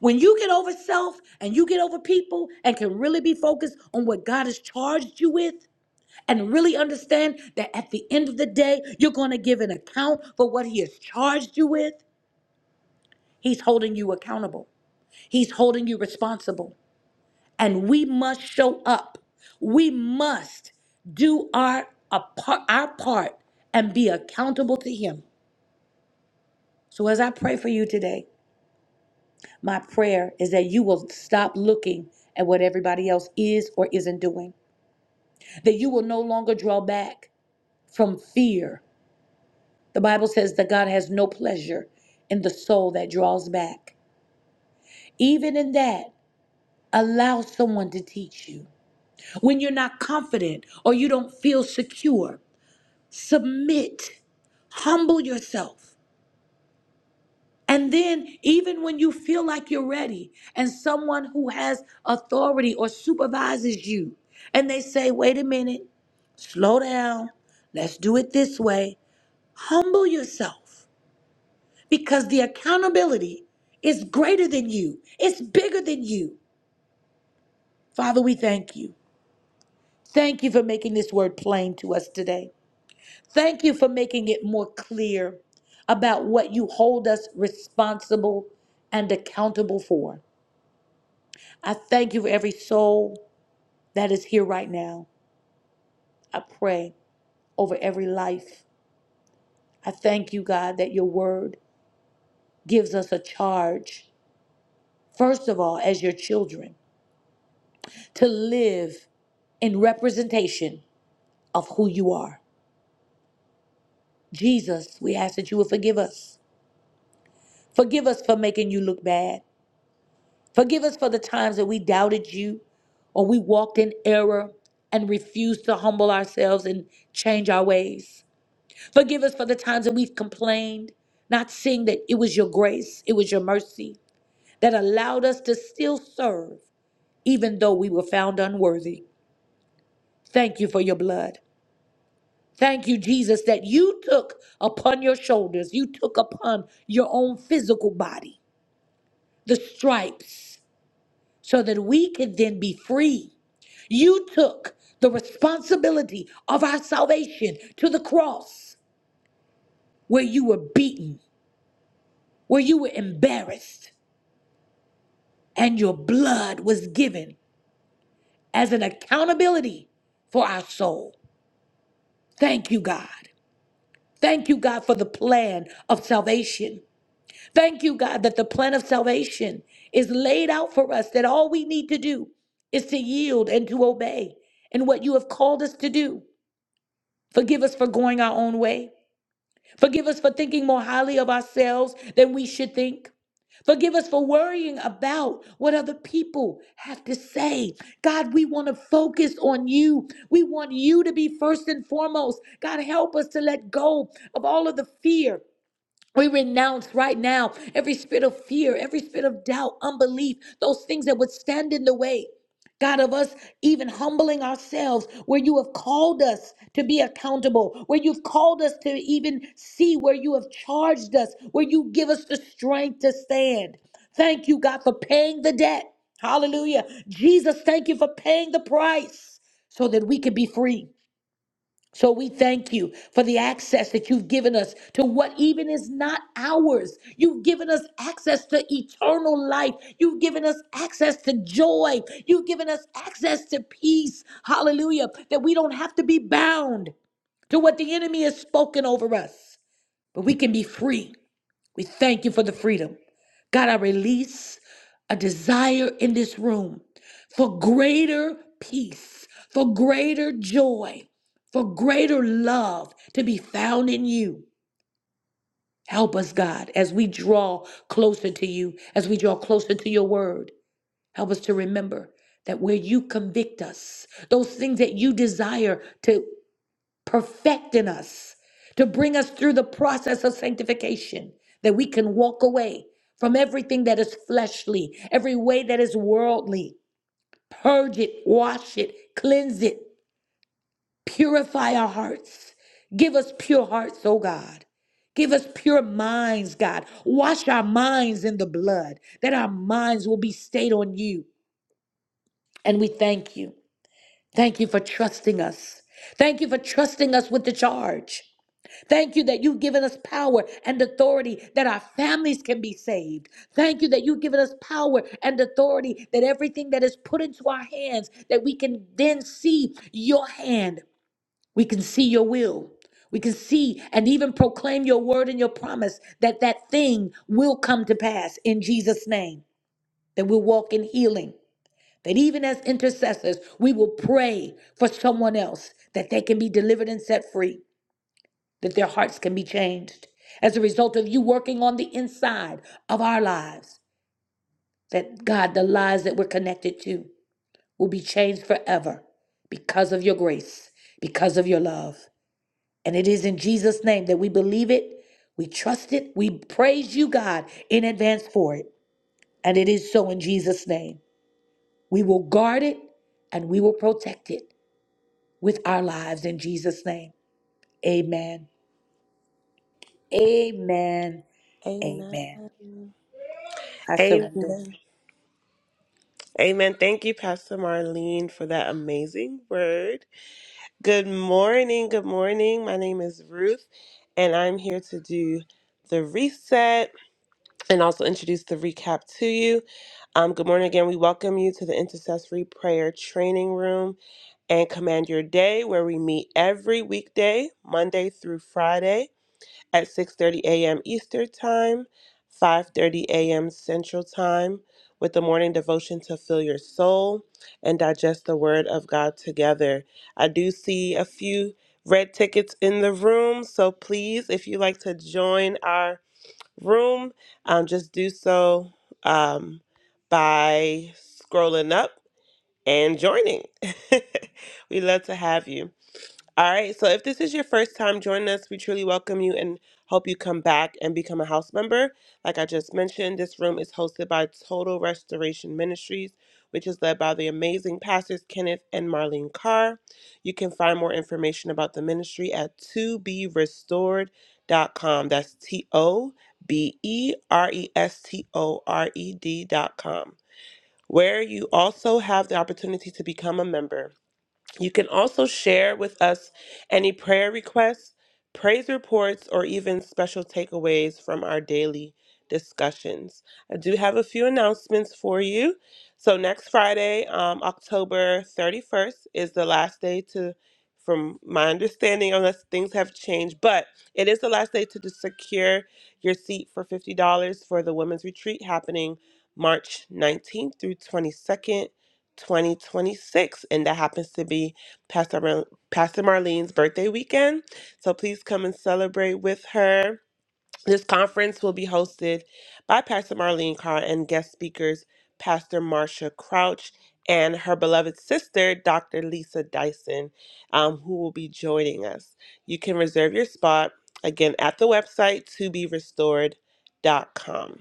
S2: When you get over self and you get over people and can really be focused on what God has charged you with and really understand that at the end of the day, you're going to give an account for what He has charged you with, He's holding you accountable, He's holding you responsible. And we must show up. We must do our, a par- our part and be accountable to Him. So as I pray for you today, my prayer is that you will stop looking at what everybody else is or isn't doing, that you will no longer draw back from fear. The Bible says that God has no pleasure in the soul that draws back. Even in that, allow someone to teach you. When you're not confident or you don't feel secure, submit, humble yourself And then, even when you feel like you're ready, and someone who has authority or supervises you, and they say, wait a minute, slow down, let's do it this way, humble yourself because the accountability is greater than you, it's bigger than you. Father, we thank you. Thank you for making this word plain to us today. Thank you for making it more clear about what you hold us responsible and accountable for. I thank you for every soul that is here right now. I pray over every life. I thank you, God, that your word gives us a charge, first of all, as your children, to live in representation of who you are. Jesus, we ask that you would forgive us. Forgive us for making you look bad. Forgive us for the times that we doubted you or we walked in error and refused to humble ourselves and change our ways. Forgive us for the times that we've complained, not seeing that it was your grace, it was your mercy that allowed us to still serve, even though we were found unworthy. Thank you for your blood. Thank you, Jesus, that you took upon your shoulders, you took upon your own physical body the stripes so that we could then be free. You took the responsibility of our salvation to the cross where you were beaten, where you were embarrassed and your blood was given as an accountability for our soul. Thank you, God. Thank you, God, for the plan of salvation. Thank you, God, that the plan of salvation is laid out for us, that all we need to do is to yield and to obey in what you have called us to do. Forgive us for going our own way. Forgive us for thinking more highly of ourselves than we should think. Forgive us for worrying about what other people have to say. God, we want to focus on you. We want you to be first and foremost. God, help us to let go of all of the fear. We renounce right now every spirit of fear, every spirit of doubt, unbelief, those things that would stand in the way. God, of us even humbling ourselves where you have called us to be accountable, where you've called us to even see where you have charged us, where you give us the strength to stand. Thank you, God, for paying the debt. Hallelujah. Jesus, thank you for paying the price so that we could be free. So we thank you for the access that you've given us to what even is not ours. You've given us access to eternal life. You've given us access to joy. You've given us access to peace. Hallelujah. That we don't have to be bound to what the enemy has spoken over us, but we can be free. We thank you for the freedom. God, I release a desire in this room for greater peace, for greater joy, for greater love to be found in you. Help us, God, as we draw closer to you, as we draw closer to your word. Help us to remember that where you convict us, those things that you desire to perfecting us, to bring us through the process of sanctification, that we can walk away from everything that is fleshly, every way that is worldly. Purge it, wash it, cleanse it, purify our hearts. Give us pure hearts, oh God. Give us pure minds, God. Wash our minds in the blood, that our minds will be stayed on you. And we thank you. Thank you for trusting us. Thank you for trusting us with the charge. Thank you that you've given us power and authority that our families can be saved. Thank you that you've given us power and authority that everything that is put into our hands, that we can then see your hand. We can see your will. We can see and even proclaim your word and your promise that that thing will come to pass in Jesus' name, that we'll walk in healing. That even as intercessors, we will pray for someone else that they can be delivered and set free that their hearts can be changed as a result of you working on the inside of our lives. That God, the lives that we're connected to will be changed forever because of your grace, because of your love. And it is in Jesus' name that we believe it, we trust it, we praise you, God, in advance for it. And it is so in Jesus' name. We will guard it and we will protect it with our lives in Jesus' name. Amen. Amen.
S4: Amen.
S2: Amen. I surrender.
S4: Amen. Amen. Thank you, Pastor Marlene, for that amazing word. Good morning. Good morning. My name is Ruth, and I'm here to do the reset and also introduce the recap to you. Um, good morning again. We welcome you to the Intercessory Prayer Training Room and Command Your Day, where we meet every weekday, Monday through Friday. at 6:30 a.m. Eastern Time, 5:30 a.m. Central Time with the morning devotion to fill your soul and digest the word of God together. I do see a few red tickets in the room, so please if you like to join our room, um, just do so um, by scrolling up and joining. we love to have you. All right, so if this is your first time joining us, we truly welcome you and hope you come back and become a house member. Like I just mentioned, this room is hosted by Total Restoration Ministries, which is led by the amazing pastors Kenneth and Marlene Carr. You can find more information about the ministry at to be restored.com. That's T O B E R E S T O R E D.com, where you also have the opportunity to become a member. You can also share with us any prayer requests, praise reports, or even special takeaways from our daily discussions. I do have a few announcements for you. So next Friday, um, October 31st, is the last day to, from my understanding, unless things have changed, but it is the last day to, to secure your seat for $50 for the Women's Retreat happening March 19th through 22nd. 2026, and that happens to be Pastor, Mar- Pastor Marlene's birthday weekend. So please come and celebrate with her. This conference will be hosted by Pastor Marlene Carr and guest speakers Pastor Marsha Crouch and her beloved sister, Dr. Lisa Dyson, um, who will be joining us. You can reserve your spot again at the website to be restored. Dot com.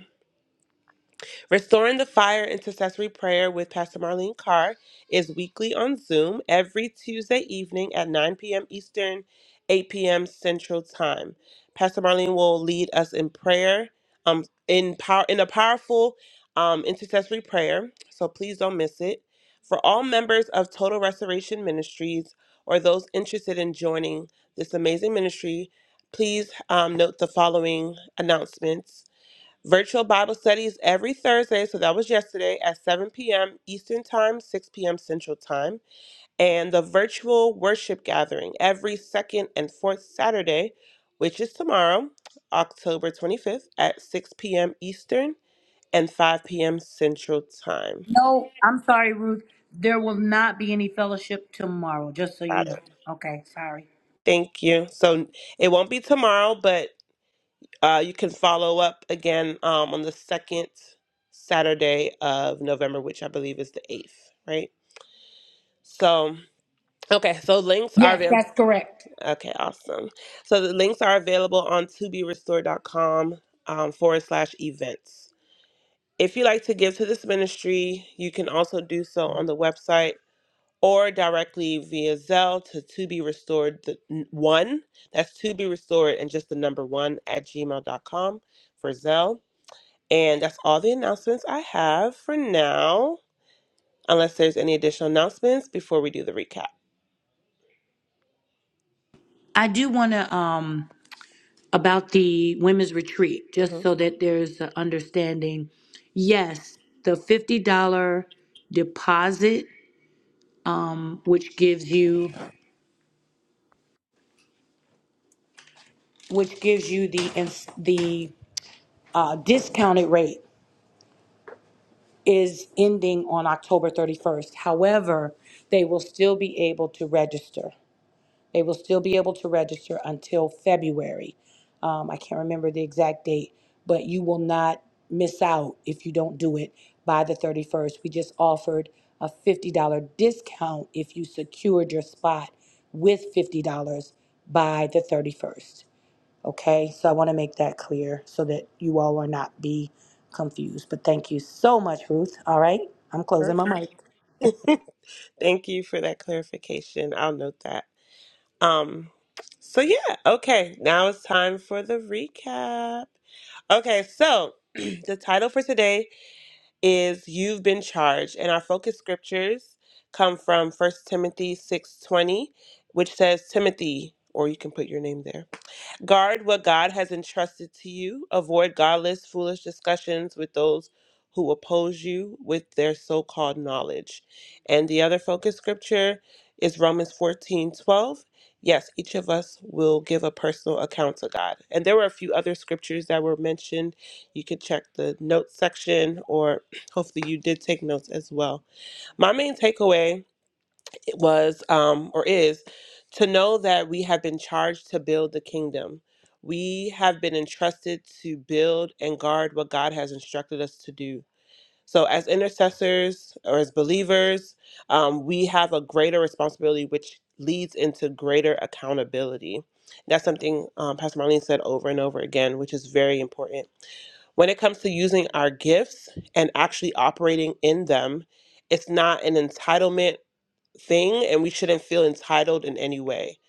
S4: Restoring the Fire Intercessory Prayer with Pastor Marlene Carr is weekly on Zoom every Tuesday evening at 9 p.m. Eastern, 8 p.m. Central Time. Pastor Marlene will lead us in prayer, um, in power, in a powerful um, intercessory prayer. So please don't miss it. For all members of Total Restoration Ministries or those interested in joining this amazing ministry, please um, note the following announcements. Virtual Bible studies every Thursday, so that was yesterday at 7 p.m. Eastern Time, 6 p.m. Central Time, and the virtual worship gathering every second and fourth Saturday, which is tomorrow, October 25th at 6 p.m. Eastern and 5 p.m. Central Time.
S2: No, I'm sorry, Ruth. There will not be any fellowship tomorrow, just so you
S4: Got
S2: know.
S4: it.
S2: Okay, sorry.
S4: Thank you. So it won't be tomorrow, but uh, you can follow up again um, on the second Saturday of November, which I believe is the 8th, right? So. Okay, so links are available. Okay, awesome. So the links are available on toberestore.com um, forward slash events. If you like to give to this ministry, you can also do so on the website or directly via Zelle to to be restored the n- one. That's to be restored and just the number one at gmail dot com for Zelle. And that's all the announcements I have for now, unless there's any additional announcements before we do the recap.
S2: I do want to um about the women's retreat,
S4: Mm-hmm.
S2: just so that there's an understanding. Yes, the fifty dollar deposit, um, which gives you which gives you the ins- the uh, discounted rate is ending on October thirty first. However, they will still be able to register. They will still be able to register until February. Um, I can't remember the exact date, but you will not miss out if you don't do it by the 31st. We just offered a $50 discount if you secured your spot with $50 by the 31st. Okay, so I want to make that clear so that you all will not be confused. But thank you so much, Ruth. All right, I'm closing
S4: Perfect.
S2: my mic.
S4: Thank you for that clarification. I'll note that. Um, so yeah, okay. Now it's time for the recap. Okay, so the title for today is You've Been Charged, and our focus scriptures come from First Timothy 6:20, which says, Timothy, or you can put your name there. Guard what God has entrusted to you. Avoid godless, foolish discussions with those who oppose you with their so called knowledge. And the other focus scripture is Romans fourteen twelve. Yes, each of us will give a personal account to God. And there were a few other scriptures that were mentioned. You could check the notes section, or hopefully you did take notes as well. My main takeaway was um, or is to know that we have been charged to build the kingdom. We have been entrusted to build and guard what God has instructed us to do. So, as intercessors or as believers, um, we have a greater responsibility, which leads into greater accountability. That's something um, Pastor Marlene said over and over again, which is very important. When it comes to using our gifts and actually operating in them, it's not an entitlement thing and we shouldn't feel entitled in any way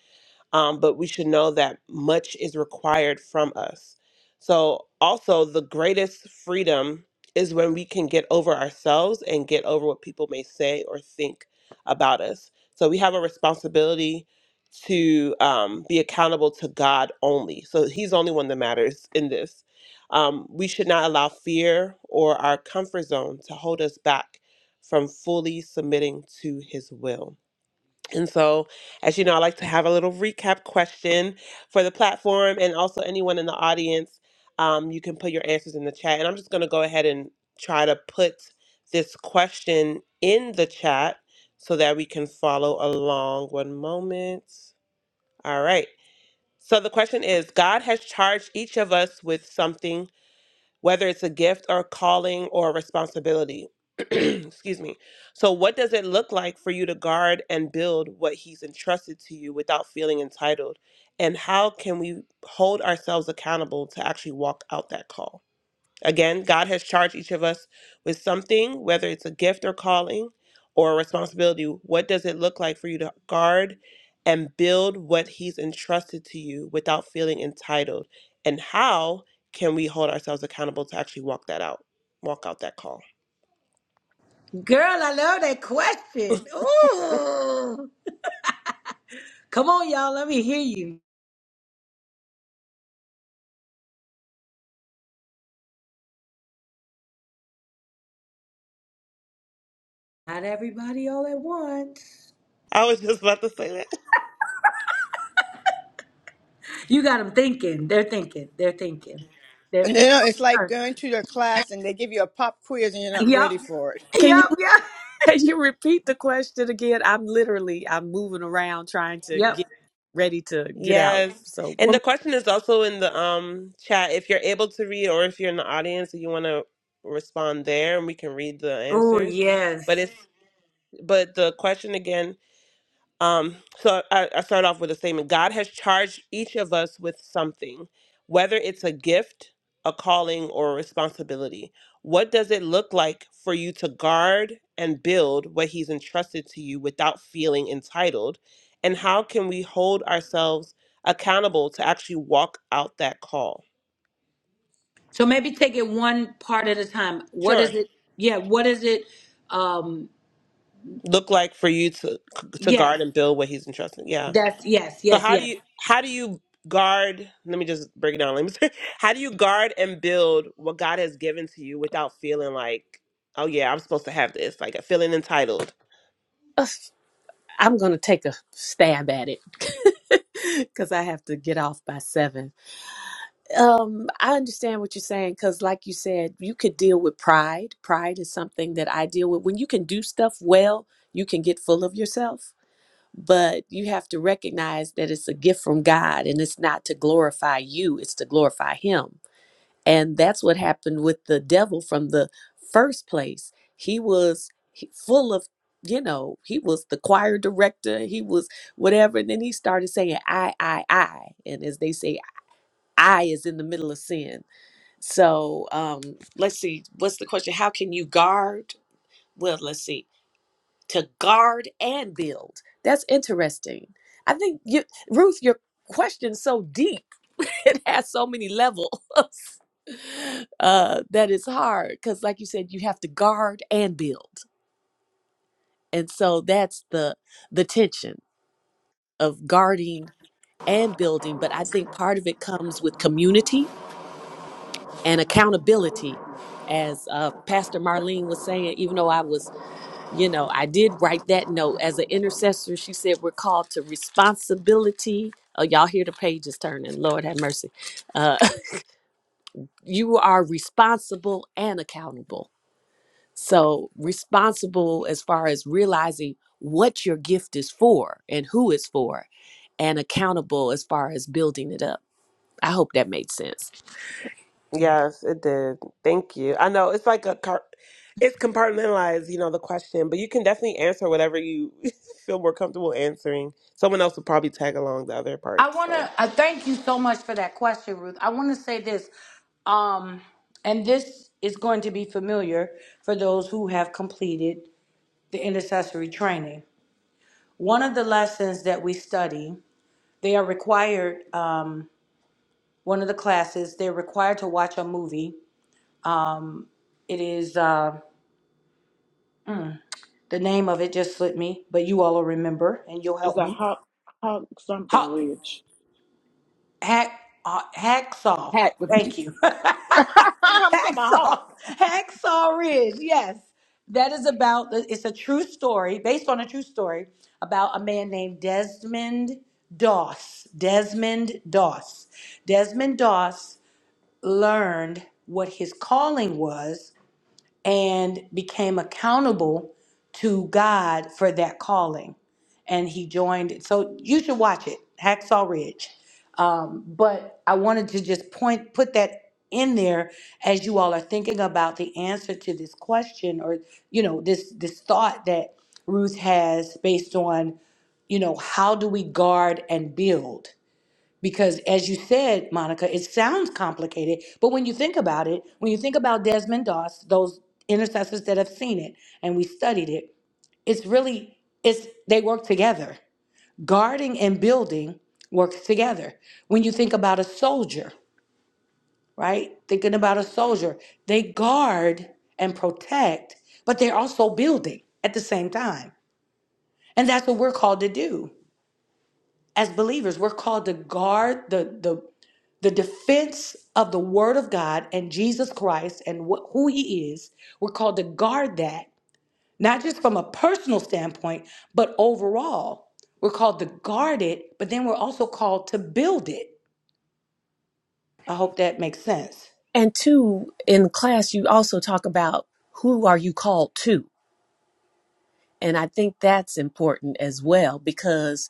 S4: um, but we should know that much is required from us so also the greatest freedom is when we can get over ourselves and get over what people may say or think about us so we have a responsibility to um, be accountable to god only so he's the only one that matters in this um, we should not allow fear or our comfort zone to hold us back from fully submitting to his will and so, as you know, I like to have a little recap question for the platform and also anyone in the audience. Um, you can put your answers in the chat. And I'm just going to go ahead and try to put this question in the chat so that we can follow along. One moment. All right. So the question is God has charged each of us with something whether it's a gift or a calling or a responsibility. Excuse me. So, what does it look like for you to guard and build what He's entrusted to you without feeling entitled? And how can we hold ourselves accountable to actually walk out that call? Again, God has charged each of us with something, whether it's a gift or calling or a responsibility. What does it look like for you to guard and build what He's entrusted to you without feeling entitled? And how can we hold ourselves accountable to actually walk that out, walk out that call?
S2: Girl, I love that question. Ooh. Come on, y'all. Let me hear you. Not everybody all at once.
S4: I was just about to say that.
S2: You got them thinking. They're thinking. They're thinking. They're
S5: And,
S2: the
S5: you know,
S2: wheels
S5: it's like
S2: are
S5: going to your class and they give you a pop quiz and you're
S2: turning.
S5: not
S2: Yep.
S5: ready for it.
S6: Can you
S2: Yep. Yep.
S6: can you repeat the question again? I'm literally I'm moving around trying to get
S2: Yep.
S6: ready to get out.
S4: Yes.
S6: So
S4: And the
S6: one,
S4: question is also in the um chat if you're able to read or if you're in the audience and you want to respond there and we can read the
S2: Oh
S4: answers. But
S2: yes.
S4: it's but the question again Um, so I, I start off with a statement God has charged each of us with something, whether it's a gift, a calling, or a responsibility. What does it look like for you to guard and build what He's entrusted to you without feeling entitled? And how can we hold ourselves accountable to actually walk out that call?
S2: So maybe take it one part at a time. What is
S4: Sure.
S2: it? Yeah. What is it? Um.
S4: Look like for you to to guard
S2: Yes.
S4: and build what he's entrusted. Yeah.
S2: That's yes.
S4: So
S2: Yes.
S4: how do
S2: Yes.
S4: you how do you guard? Let me just break it down. Let me. How do you guard and build what God has given to you without feeling like, oh yeah, I'm supposed to have this, like feeling entitled?
S6: ugh, I'm gonna take a stab at it because I have to get off by seven. Um, I understand what you're saying because, like you said, you could deal with pride. Pride is something that I deal with. When you can do stuff well, you can get full of yourself. But you have to recognize that it's a gift from God and it's not to glorify you, it's to glorify Him And that's what happened with the devil from the first place. He was he- full of, you know, he was the choir director, he was whatever. And then he started saying, I, I, I. And as they say, I is in the middle of sin. So um, let's see, what's the question? How can you guard? Well, let's see to guard and build. That's interesting. I think you, Ruth, your question's so deep. it has so many levels uh, that it's hard because, like you said, you have to guard and build, and so that's the the tension of guarding and building. But I think part of it comes with community and accountability, as uh, Pastor Marlene was saying. Even though I was you know, I did write that note as an intercessor. She said we're called to responsibility. Oh, y'all hear the pages turning. Lord have mercy. Uh, you are responsible and accountable. So, responsible as far as realizing what your gift is for and who it's for, and accountable as far as building it up. I hope that made sense.
S4: Yes, it did. Thank you. I know it's like a car. It's compartmentalized, you know, the question, but you can definitely answer whatever you feel more comfortable answering. Someone else will probably tag along the other
S2: I
S4: parts.
S2: want to
S4: So
S2: I thank you so much for that question, Ruth. I want to say this, um, and this is going to be familiar for those who have completed the intercessory training. One of the lessons that we study, they are required, um, one of the classes, they're required to watch a movie. Um, it is, uh, the name of it just slipped me, but you all will remember and you'll
S7: It's
S2: help
S7: a
S2: me.
S7: hawk, hawk something ridge.
S2: Hack, uh, hacksaw.
S7: Hat
S2: Thank you. hacksaw.
S7: I'm talking about Hawk.
S2: Hacksaw Ridge. Yes. That is about, the- it's a true story, based on a true story about a man named Desmond Doss. Desmond Doss. Desmond Doss learned what his calling was and became accountable to God for that calling. And he joined it. So you should watch it, Hacksaw Ridge. Um, but I wanted to just point, put that in there as you all are thinking about the answer to this question or, you know, this, this thought that Ruth has based on, you know, how do we guard and build? Because as you said, Monica, it sounds complicated, but when you think about it, when you think about Desmond Doss, those intercessors that have seen it and we studied it, it's really it's they work together. Guarding and building works together. When you think about a soldier, right? Thinking about a soldier, they guard and protect, but they're also building at the same time. And that's what we're called to do. as believers we're called to guard the the the defense of the word of god and jesus christ and what, who he is we're called to guard that not just from a personal standpoint but overall we're called to guard it but then we're also called to build it i hope that makes sense
S6: And two, in class, you also talk about who are you called to And I think that's important as well because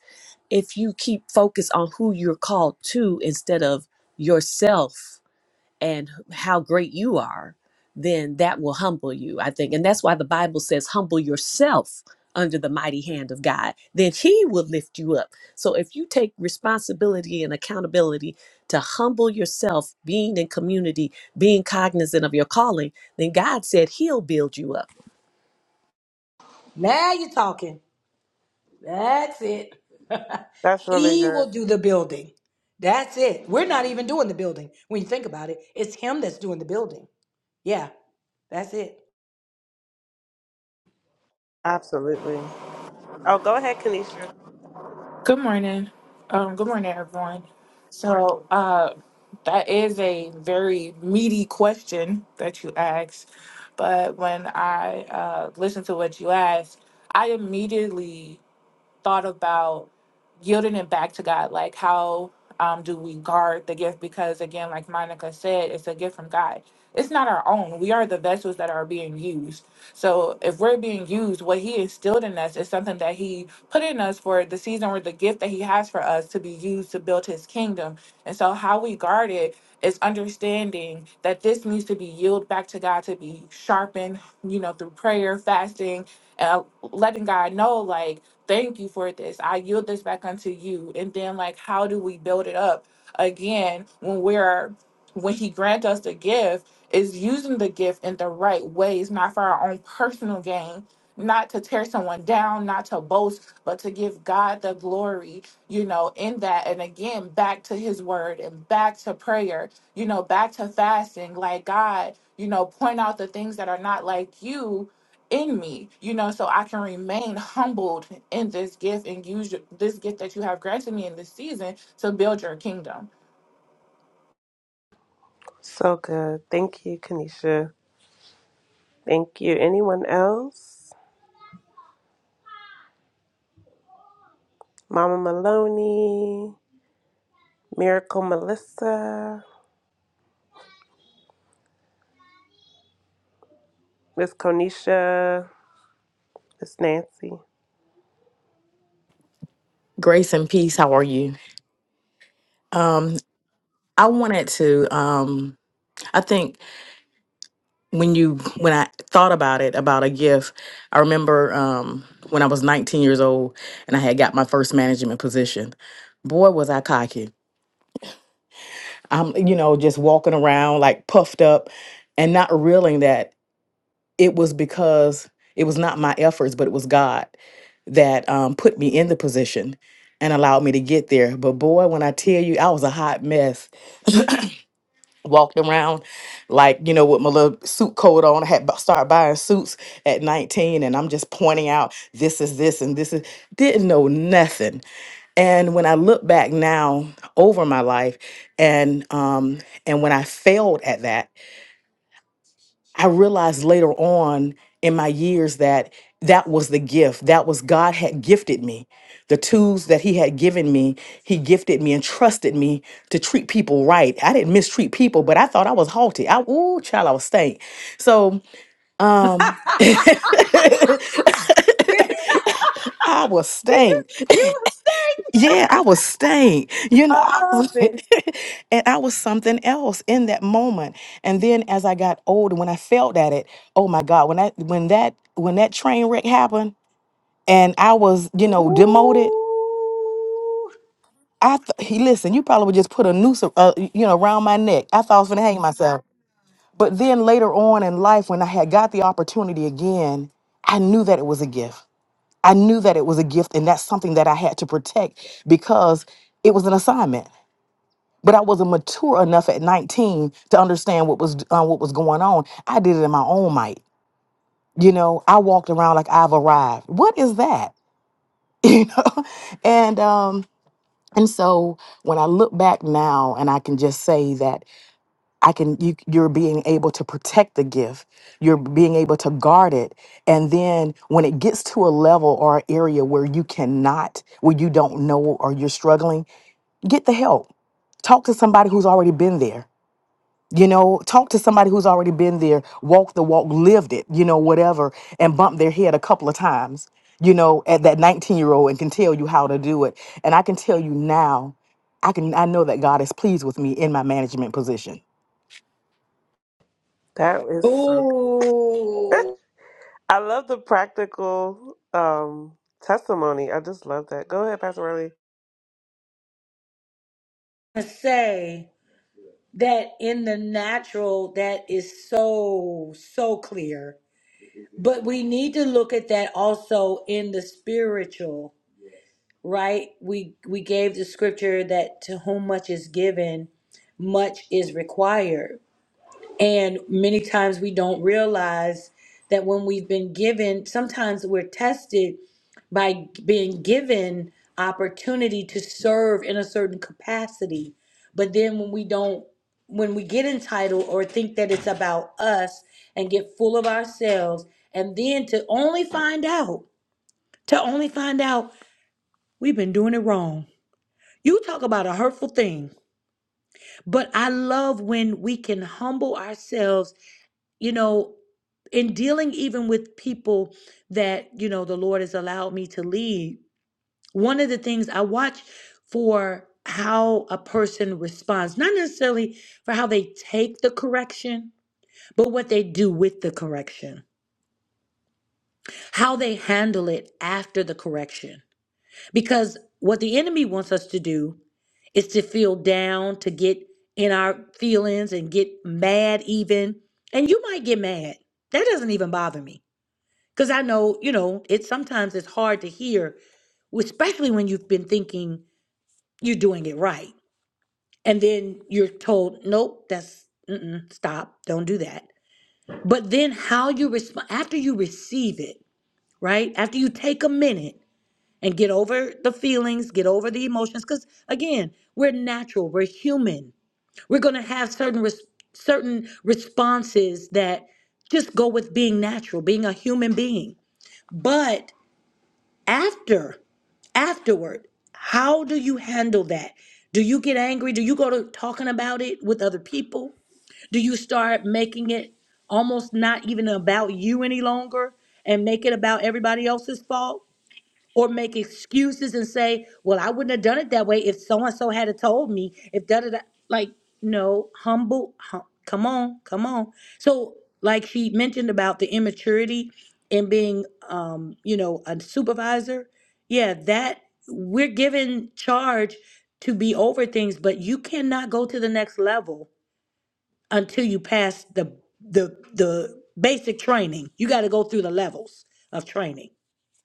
S6: if you keep focus on who you're called to instead of yourself and how great you are, then that will humble you, I think. And that's why the Bible says, humble yourself under the mighty hand of God, then He will lift you up. So if you take responsibility and accountability to humble yourself, being in community, being cognizant of your calling, then God said He'll build you up.
S2: Now you're talking. That's it.
S4: that's really
S2: He
S4: good.
S2: will do the building. That's it. We're not even doing the building. When you think about it, it's him that's doing the building. Yeah, that's it.
S4: Absolutely. Oh, go ahead, Kanisha.
S8: Good morning. Um, good morning, everyone. So, uh, that is a very meaty question that you asked. But when I uh, listened to what you asked, I immediately thought about yielding it back to God. Like, how um, do we guard the gift? Because, again, like Monica said, it's a gift from God. It's not our own. We are the vessels that are being used. So, if we're being used, what He instilled in us is something that He put in us for the season or the gift that He has for us to be used to build His kingdom. And so, how we guard it is understanding that this needs to be yielded back to God to be sharpened, you know, through prayer, fasting, and letting God know, like, Thank you for this. I yield this back unto you. And then, like, how do we build it up again when we're when He grants us the gift? Is using the gift in the right ways, not for our own personal gain, not to tear someone down, not to boast, but to give God the glory, you know, in that. And again, back to his word and back to prayer, you know, back to fasting. Like, God, you know, point out the things that are not like you in me, you know, so I can remain humbled in this gift and use your- this gift that you have granted me in this season to build your kingdom.
S4: So good. Thank you, Kanisha. Thank you. Anyone else? Mama Maloney, Miracle Melissa, Miss Konisha, Miss Nancy.
S3: Grace and peace. How are you? Um, I wanted to. Um, I think when you when I thought about it about a gift, I remember um, when I was 19 years old and I had got my first management position. Boy, was I cocky! I'm you know just walking around like puffed up and not realizing that. it was because it was not my efforts, but it was God that um, put me in the position and allowed me to get there. But boy, when I tell you, I was a hot mess. Walked around like, you know, with my little suit coat on. I had bu- started buying suits at 19, and I'm just pointing out this is this and this is, didn't know nothing. And when I look back now over my life, and um, and when I failed at that, I realized later on in my years that that was the gift. That was God had gifted me. The tools that He had given me, He gifted me and trusted me to treat people right. I didn't mistreat people, but I thought I was haughty. I, ooh, child, I was stank. So, um, I was
S2: Did
S3: stank.
S2: you? You
S3: Yeah, I was staying. You know,
S2: hysterical.
S3: I
S2: I love
S3: was,
S2: it.
S3: and I was something else in that moment. And then as I got older, when I felt at it, oh my God, when that when that when that train wreck happened, and I was you know
S2: Ooh.
S3: demoted, I th- he listen, you probably would just put a noose a- uh, you know around my neck. I thought I was gonna hang myself. But then later on in life, when I had got the opportunity again, I knew that it was a gift. I knew that it was a gift, and that's something that I had to protect because it was an assignment but I wasn't mature enough at 19 to understand what was uh, what was going on. I did it in my own might. You know, I walked around like I've arrived. What is that? You know, and um, and so when I look back now, and I can just say that I can you, you're being able to protect the gift, you're being able to guard it, and then when it gets to a level or an area where you cannot, where you don't know or you're struggling, get the help. Talk to somebody who's already been there You know, talk to somebody who's already been there, walked the walk, lived it, you know, whatever, and bump their head a couple of times, you know, at that 19 year old and can tell you how to do it. And I can tell you now, I can I know that God is pleased with me in my management position.
S4: That is so good.
S2: Ooh,
S4: I love the practical um, testimony. I just love that. Go ahead, Pastor Riley.
S2: I say that in the natural, that is so, so clear. But we need to look at that also in the spiritual, right? We we gave the scripture that to whom much is given, much is required. And many times we don't realize that when we've been given, sometimes we're tested by being given opportunity to serve in a certain capacity. But then when we don't, when we get entitled or think that it's about us and get full of ourselves, and then to only find out, to only find out we've been doing it wrong. You talk about a hurtful thing, but I love when we can humble ourselves, you know, in dealing even with people that, you know, the Lord has allowed me to lead one of the things I watch for how a person responds, not necessarily for how they take the correction, but what they do with the correction, how they handle it after the correction. Because what the enemy wants us to do is to feel down, to get in our feelings and get mad, even. And you might get mad. That doesn't even bother me. Because I know, you know, it sometimes it's hard to hear, especially when you've been thinking you're doing it right and then you're told, nope, that's mm-mm, stop, don't do that. But then how you respond after you receive it, right? After you take a minute and get over the feelings, get over the emotions, because again, we're natural, we're human. We're gonna have certain res- certain responses that just go with being natural, being a human being. But after afterward how do you handle that do you get angry do you go to talking about it with other people do you start making it almost not even about you any longer and make it about everybody else's fault? Or make excuses and say, well, I wouldn't have done it that way if so and so had have told me, if da da da. Like, no, humble, hum, come on, come on. So, like she mentioned about the immaturity and being, um, you know, a supervisor. Yeah, that we're given charge to be over things, but you cannot go to the next level until you pass the the the basic training. You got to go through the levels of training.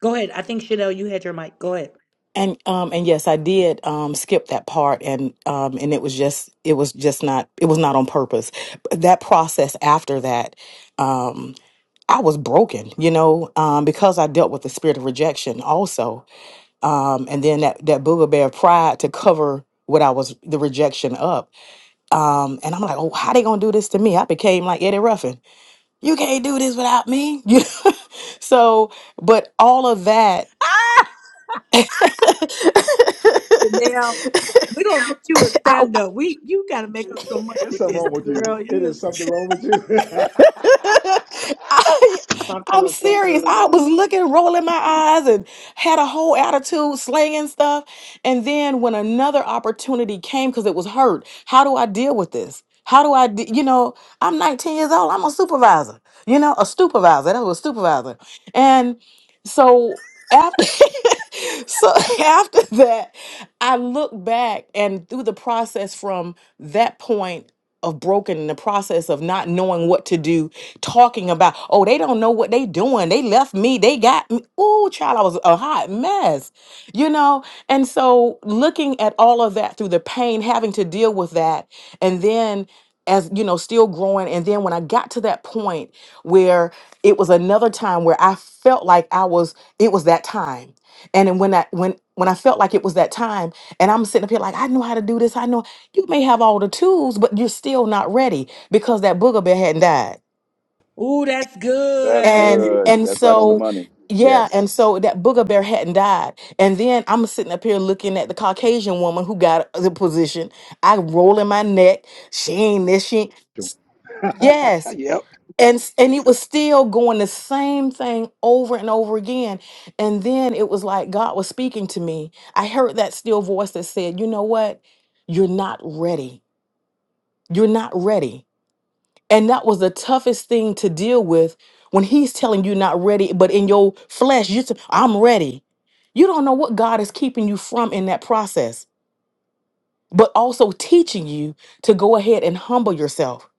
S2: Go ahead. I think Chanel, you had your mic. Go ahead.
S3: And um and yes, I did um skip that part and um and it was just it was just not it was not on purpose. But that process after that, um I was broken, you know, um, because I dealt with the spirit of rejection also um, and then that that booger bear pride to cover what I was the rejection up. Um, and I'm like, oh, how they gonna do this to me? I became like Eddie Ruffin. You can't do this without me. You know? so, but all of that.
S2: Chanel, we don't gotta make this.
S3: I,
S7: Something
S3: I'm
S7: is
S3: serious.
S7: definitely
S3: I was
S7: wrong.
S3: looking, rolling my eyes, and had a whole attitude, slanging stuff. And then when another opportunity came, because it was hurt, how do I deal with this? How do I, de- you know, I'm 19 years old. I'm a supervisor, you know, a supervisor. That was a supervisor. And so after, so after that, I look back and through the process from that point of broken, the process of not knowing what to do talking about, oh, they don't know what they doing. They left me. They got me. Ooh, child, I was a hot mess, you know? And so looking at all of that through the pain, having to deal with that, and then as you know, still growing. And then when I got to that point where it was another time where I felt like I was, it was that time. And then when I when when I felt like it was that time, and I'm sitting up here like I know how to do this, I know you may have all the tools, but you're still not ready because that booger bear hadn't died
S2: Ooh, that's
S1: That's
S2: good.
S3: and
S1: good.
S3: and
S1: That's right on the
S3: so
S1: money.
S3: yeah and
S1: Yes.
S3: so that booger bear hadn't died and then i'm sitting up here looking at the caucasian woman who got the position i rolling my neck she ain't this she ain't. yes and s- and it was still going the same thing over and over again and then it was like god was speaking to me i heard that still voice that said you know what you're not ready you're not ready and that was the toughest thing to deal with when he's telling you not ready, but in your flesh, you say, I'm ready. You don't know what God is keeping you from in that process, but also teaching you to go ahead and humble yourself.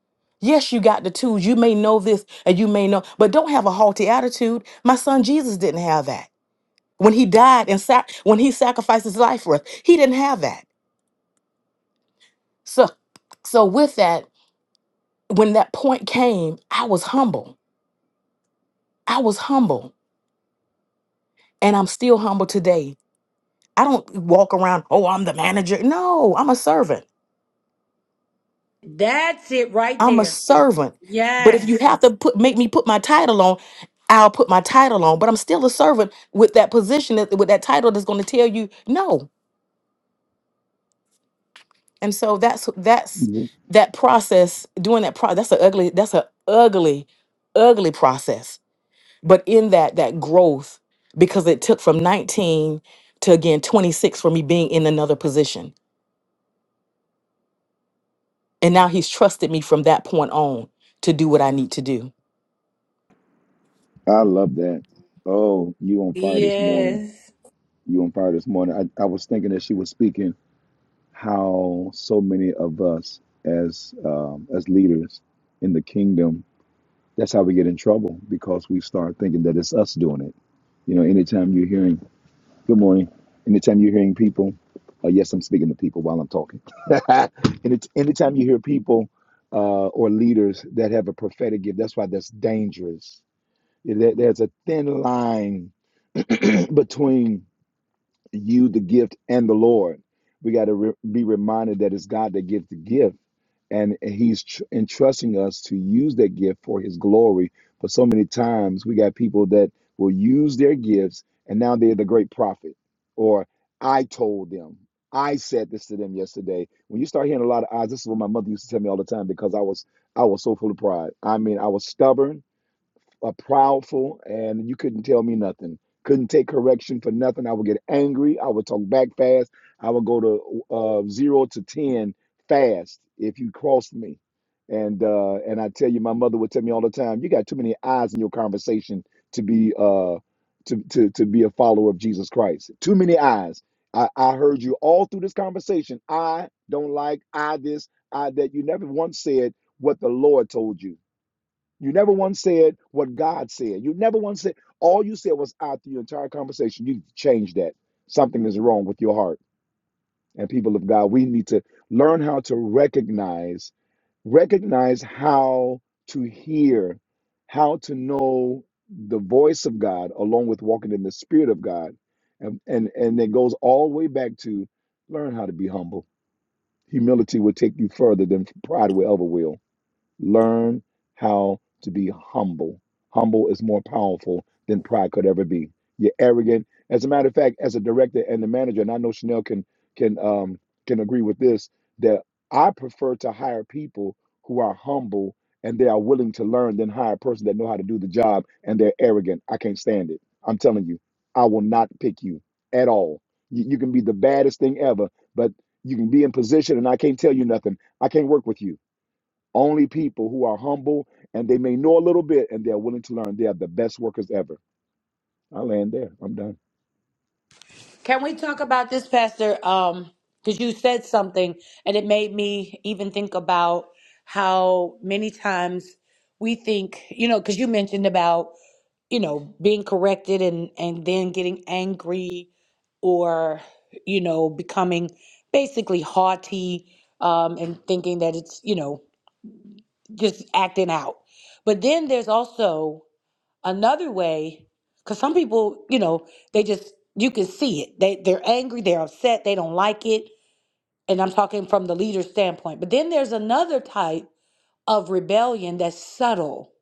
S3: Yes, you got the tools. You may know this and you may know, but don't have a haughty attitude. My son Jesus didn't have that. When he died and sac- when he sacrificed his life for us, he didn't have that. So so with that, when that point came, I was humble. I was humble And I'm still humble today. I don't walk around, oh, I'm the manager. No, I'm a servant.
S2: That's it right
S3: I'm a
S2: there.
S3: servant. But if you
S2: Yes.
S3: have to put make me put my title on, I'll put my title on. But I'm still a servant with that position that with that title that's going to tell you no. And so that's that's that process, doing that pro that's a ugly, that's a ugly, ugly process. But in that, that growth, because it took from 19 to again 26 for me being in another position And now he's trusted me from that point on to do what I need to do.
S1: I love that. Oh, you on fire this morning.
S2: Yes.
S1: You on fire this morning. I, I was thinking that she was speaking how so many of us as um, as leaders in the kingdom, that's how we get in trouble because we start thinking that it's us doing it. You know, anytime you're hearing Good morning. Anytime you're hearing people, uh, yes, I'm speaking to people while I'm talking. and it's anytime you hear people uh, or leaders that have a prophetic gift, that's why that's dangerous. There- there's a thin line between you the gift and the lord we got to re- be reminded that it's god that gives the gift and he's tr- entrusting us to use that gift for his glory but so many times we got people that will use their gifts and now they're the great prophet or i told them i said this to them yesterday when you start hearing a lot of eyes this is what my mother used to tell me all the time because i was i was so full of pride i mean i was stubborn a proudful, and you couldn't tell me nothing. Couldn't take correction for nothing. I would get angry. I would talk back fast. I would go to uh, zero to ten fast if you crossed me. And uh, and I tell you, my mother would tell me all the time, "You got too many eyes in your conversation to be uh, to to to be a follower of Jesus Christ. Too many eyes." I, I heard you all through this conversation. I don't like I this I that. You never once said what the Lord told you. You never once said what God said. You never once said, all you said was out through your entire conversation. You changed that. Something is wrong with your heart. And people of God, we need to learn how to recognize, recognize how to hear, how to know the voice of God, along with walking in the spirit of God. And, and, and it goes all the way back to learn how to be humble. Humility will take you further than pride will ever will Learn how to be humble. Humble is more powerful than pride could ever be. You're arrogant. As a matter of fact, as a director and the manager, and I know Chanel can can um, can agree with this, that I prefer to hire people who are humble and they are willing to learn than hire a person that know how to do the job and they're arrogant. I can't stand it. I'm telling you, I will not pick you at all. You, you can be the baddest thing ever, but you can be in position and I can't tell you nothing. I can't work with you. Only people who are humble and they may know a little bit and they're willing to learn. They are the best workers ever. I land there. I'm done.
S2: Can we talk about this, Pastor? Um, because you said something and it made me even think about how many times we think, you know, because you mentioned about you know, being corrected and and then getting angry or you know, becoming basically haughty um and thinking that it's, you know, just acting out. But then there's also another way cuz some people, you know, they just you can see it. They they're angry, they're upset, they don't like it, and I'm talking from the leader standpoint. But then there's another type of rebellion that's subtle.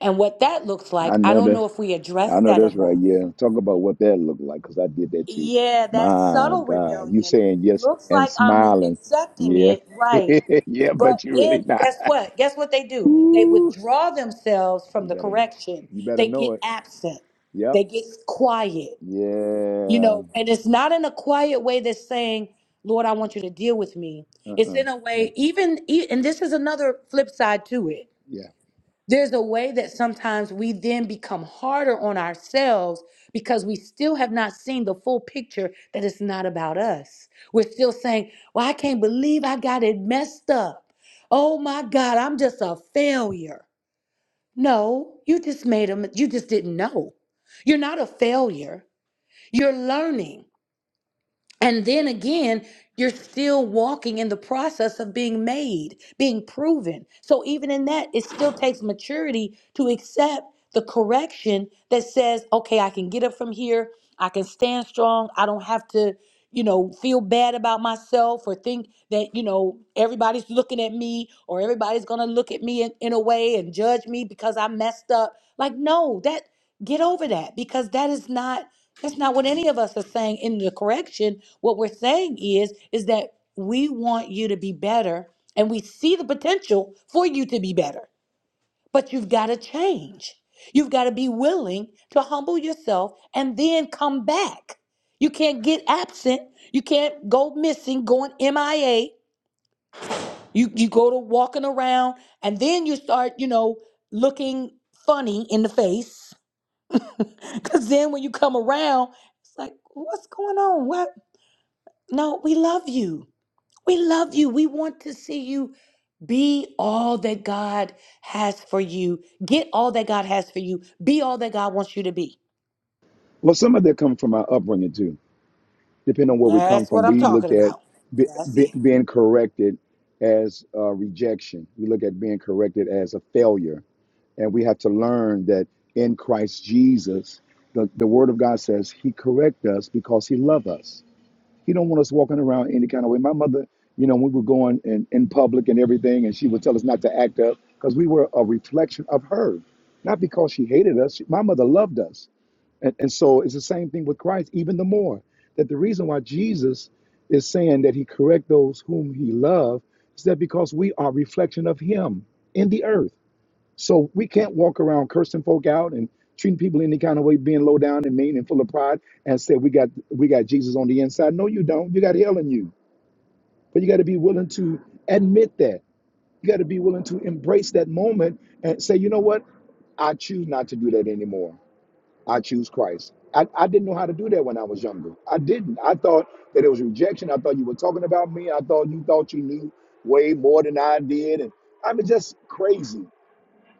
S2: And what that looks
S1: I
S2: like, I
S1: know
S2: don't
S1: this.
S2: know if we address
S1: I know
S2: that
S1: that's right.
S2: enough.
S1: Yeah, talk about what that looked like because I did that too.
S2: Yeah, that
S1: My
S2: subtle
S1: God, you
S2: rebellion
S1: saying yes
S2: looks
S1: and
S2: like I'm
S1: smiling.
S2: accepting
S1: Yeah,
S2: it, right?
S1: yeah, but
S2: But
S1: you really
S2: then
S1: not.
S2: guess what? Guess what they do? They
S1: Ooh,
S2: withdraw themselves from
S1: you
S2: the
S1: better,
S2: correction.
S1: you better
S2: They
S1: know
S2: get
S1: it.
S2: absent.
S1: Yep.
S2: They get quiet. You
S1: Yeah.
S2: know, and it's not in a quiet way that's saying, "Lord, I want you to deal with me."
S1: Uh.
S2: It's
S1: uh
S2: in a way even e- and this is another flip side to it.
S1: Yeah.
S2: There's a way that sometimes we then become harder on ourselves because we still have not seen the full picture that it's not about us. We're still saying, Well, I can't believe I got it messed up. Oh my God, I'm just a failure. No, you just made a you just didn't know. You're not a failure. You're learning. And then again, you're still walking in the process of being made, being proven. So even in that, it still takes maturity to accept the correction that says, okay, I can get up from here. I can stand strong. I don't have to, you know, feel bad about myself or think that, you know, everybody's looking at me or everybody's going to look at me in, in a way and judge me because I messed up. Like, no, that get over that because that is not that's not what any of us are saying in the correction. What we're saying is is that we want you to be better and we see the potential for you to be better. But you've got to change. You've got to be willing to humble yourself and then come back. You can't get absent. You can't go missing, going MIA. You you go to walking around and then you start, you know, looking funny in the face. Cause then when you come around, it's like, what's going on? What No, we love you. We love you. We want to see you be all that God has for you. Get all that God has for you. Be all that God wants you to be.
S1: Well, some of that comes from our upbringing too. depending on where we come
S2: That's
S1: from,
S2: what I'm
S1: we look
S2: talking
S1: at
S2: about.
S1: be,
S2: That's
S1: be,
S2: it.
S1: being corrected as uh, rejection. We look at being corrected as a failure. And we have to learn that in Christ Jesus, the, the Word of God says He correct us because He loved us. He don't want us walking around any kind of way. My mother, you know, we were going in, in public and everything, and she would tell us not to act up because we were a reflection of her, not because she hated us. She- my mother loved us. And, and so it's the same thing with Christ, even the more that the reason why Jesus is saying that he correct those whom he loved is that because we are reflection of him in the earth. So we can't walk around cursing folk out and treating people any kind of way, being low down and mean and full of pride, and say we got we got Jesus on the inside. No, you don't. You got hell in you. But you got to be willing to admit that. You got to be willing to embrace that moment and say, you know what? I choose not to do that anymore. I choose Christ. I, I didn't know how to do that when I was younger. I didn't. I thought that it was rejection. I thought you were talking about me. I thought you thought you knew way more than I did. And I mean, just crazy.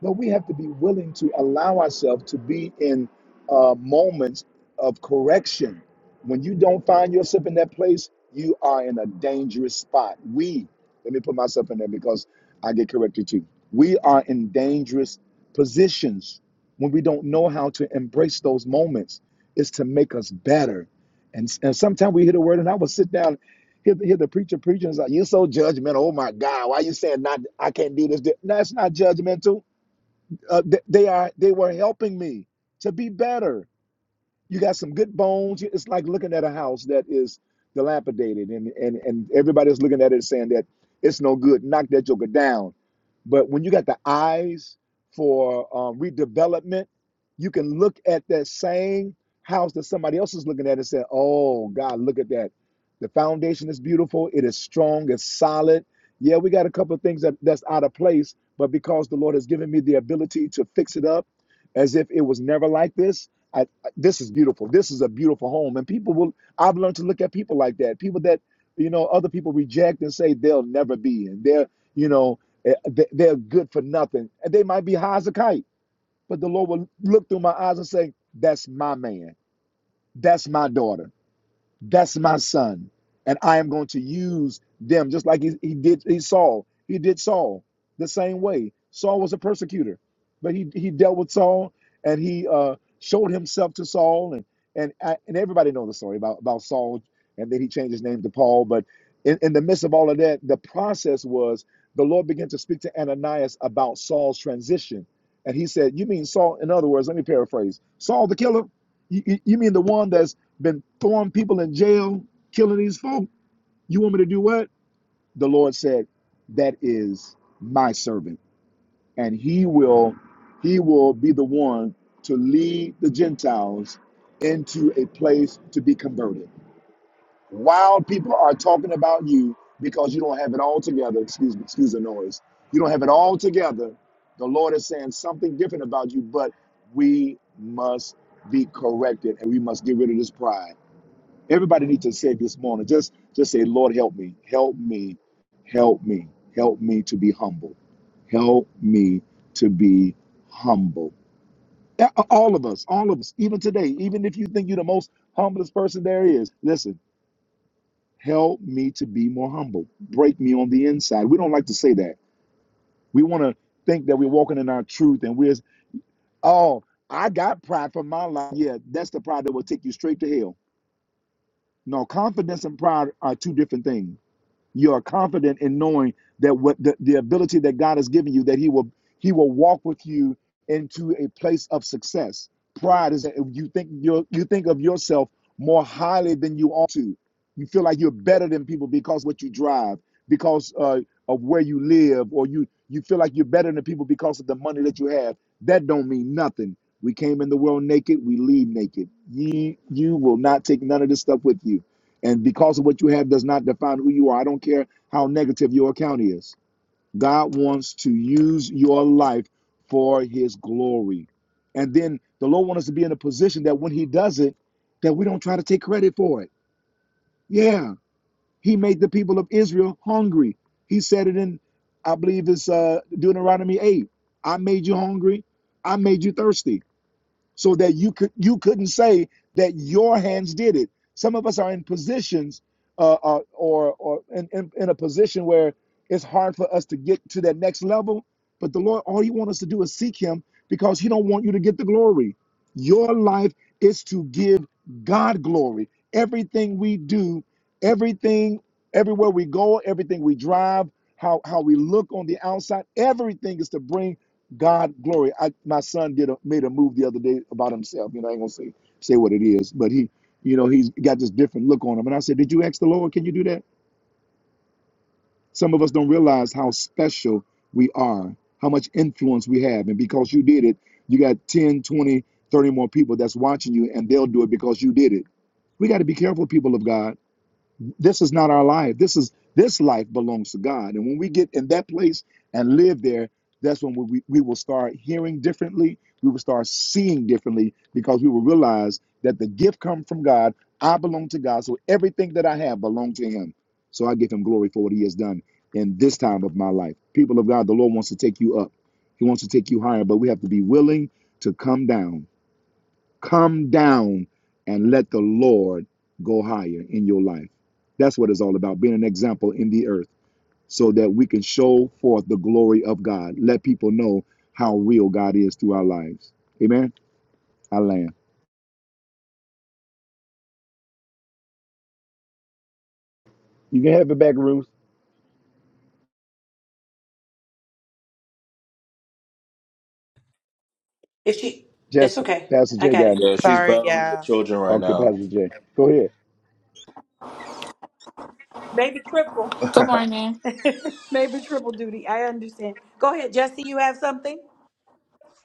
S1: No, we have to be willing to allow ourselves to be in uh, moments of correction. When you don't find yourself in that place, you are in a dangerous spot. We, let me put myself in there because I get corrected too. We are in dangerous positions when we don't know how to embrace those moments. It's to make us better. And, and sometimes we hear the word, and I will sit down, hear, hear the preacher preaching, it's like, You're so judgmental. Oh my God, why are you saying not, I can't do this? this? No, it's not judgmental uh, th- they are they were helping me to be better you got some good bones. It's like looking at a house that is dilapidated, and and and everybody's looking at it saying that it's no good. Knock that joker down. But when you got the eyes for um, redevelopment, you can look at that same house that somebody else is looking at and say, "Oh God, look at that! The foundation is beautiful. It is strong. It's solid. Yeah, we got a couple of things that, that's out of place, but because the Lord has given me the ability to fix it up." as if it was never like this. I, this is beautiful. This is a beautiful home, and people will. I've learned to look at people like that. People that you know other people reject and say they'll never be, and they're you know eh, they- they're good for nothing, and they might be high as a kite, but the Lord will look through my eyes and say, "That's my man. That's my daughter." That's my son. And I am going to use them just like he, he did he Saul. He did Saul the same way. Saul was a persecutor, but he, he dealt with Saul and he uh, showed himself to Saul. And and, I, and everybody knows the story about, about Saul. And then he changed his name to Paul. But in, in the midst of all of that, the process was the Lord began to speak to Ananias about Saul's transition. And he said, You mean Saul? In other words, let me paraphrase Saul the killer? You, you mean the one that's been throwing people in jail, killing these folk? You want me to do what? The Lord said, That is my servant. And he will he will be the one to lead the Gentiles into a place to be converted. While people are talking about you because you don't have it all together, excuse me, excuse the noise. You don't have it all together. The Lord is saying something different about you, but we must be corrected and we must get rid of this pride. Everybody needs to say this morning. Just just say, Lord, help me, help me, help me, help me to be humble. Help me to be humble. A- All of us, all of us, even today, even if you think you're the most humblest person there is, listen, help me to be more humble. Break me on the inside. We don't like to say that. We want to think that we're walking in our truth and we're, oh, I got pride for my life. Yeah, that's the pride that will take you straight to hell. No, confidence and pride are two different things. you are confident in knowing that what the, the ability that God has given you, that He will He will walk with you into a place of success. Pride is that you think you you think of yourself more highly than you ought to. You feel like you're better than people because what you drive, because uh, of where you live, or you you feel like you're better than people because of the money that you have. That don't mean nothing. We came in the world naked, we leave naked. Ye you will not take none of this stuff with you. And because of what you have does not define who you are. I don't care how negative your account is. God wants to use your life for his glory. And then the Lord wants us to be in a position that when he does it, that we don't try to take credit for it. Yeah, he made the people of Israel hungry. He said it in, I believe it's uh, Deuteronomy 8. I made you hungry. I made you thirsty so that you could you couldn't say that your hands did it. Some of us are in positions uh, uh, or or in, in, in a position where it's hard for us to get to that next level. But the Lord, all He wants us to do is seek Him because He don't want you to get the glory. Your life is to give God glory. Everything we do, everything, everywhere we go, everything we drive, how how we look on the outside, everything is to bring God glory. I, my son did a, made a move the other day about himself. You know, I ain't gonna say say what it is, but he, you know, he's got this different look on him. And I said, Did you ask the Lord? Can you do that? Some of us don't realize how special we are, how much influence we have. And because you did it, you got 10, 20, 30 more people that's watching you, and they'll do it because you did it. We got to be careful, people of God this is not our life. This is this life belongs to God. And when we get in that place and live there, that's when we, we will start hearing differently. We will start seeing differently because we will realize that the gift comes from God. I belong to God. So everything that I have belongs to Him. So I give Him glory for what He has done in this time of my life. People of God, the Lord wants to take you up. He wants to take you higher, but we have to be willing to come down. Come down and let the Lord go higher in your life. That's what it's all about being an example in the earth so that we can show forth the glory of God. Let people know how real God is through our lives. Amen. I land. You can have it back, Ruth.
S2: If she, it's
S1: Jesse.
S2: okay.
S1: Pastor
S2: I
S1: J
S2: got
S1: got
S2: it.
S1: it.
S9: Yeah, she's
S4: Sorry,
S9: battling the
S4: yeah.
S9: children right
S1: Okay,
S9: now.
S1: Pastor J. Go ahead.
S2: Maybe triple.
S8: Good morning.
S2: Maybe triple duty. I understand. Go ahead, Jesse. You have something?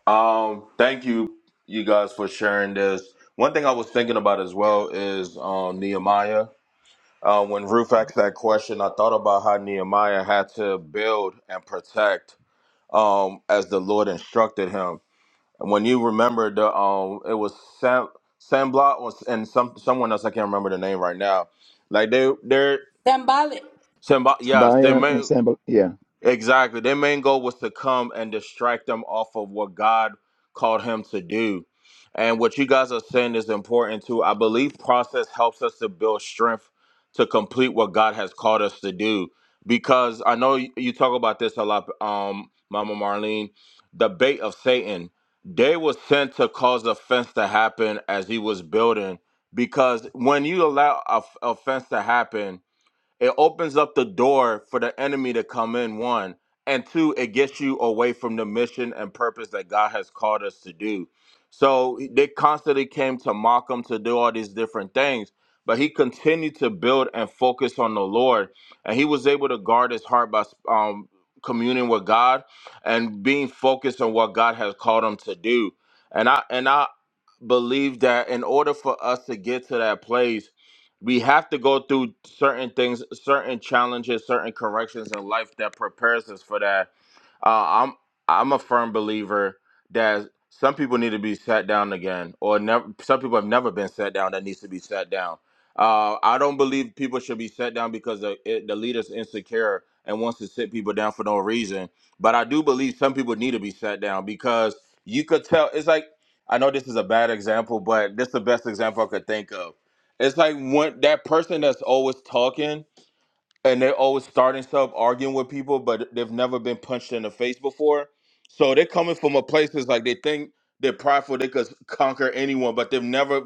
S9: Um, thank you, you guys, for sharing this. One thing I was thinking about as well is um, Nehemiah. Uh, when Ruth asked that question, I thought about how Nehemiah had to build and protect um, as the Lord instructed him. And when you remember the, um, it was Sam, Sam Blot was, and some someone else I can't remember the name right now. Like they, they're
S2: Symbolic.
S9: Sam, yes, they
S1: Tobiah and
S9: made.
S1: Sambal. Yeah.
S9: Exactly. Their main goal was to come and distract them off of what God called him to do. And what you guys are saying is important too. I believe process helps us to build strength to complete what God has called us to do. Because I know you you talk about this a lot, um, Mama Marlene, the bait of Satan. They were sent to cause offense to happen as he was building. Because when you allow a- offense to happen, it opens up the door for the enemy to come in, one. And two, it gets you away from the mission and purpose that God has called us to do. So they constantly came to mock him to do all these different things, but he continued to build and focus on the Lord. And he was able to guard his heart by um, communing with God and being focused on what God has called him to do. And I, and I, believe that in order for us to get to that place we have to go through certain things, certain challenges, certain corrections in life that prepares us for that uh, I'm I'm a firm believer that some people need to be sat down again, or never. Some people have never been sat down that needs to be sat down. Uh, I don't believe people should be sat down because the, it, the leader's insecure and wants to sit people down for no reason. But I do believe some people need to be sat down because you could tell. It's like I know this is a bad example, but this is the best example I could think of. It's like when that person that's always talking and they're always starting stuff, arguing with people, but they've never been punched in the face before. So they're coming from a place that's like they think they're prideful, they could conquer anyone, but they've never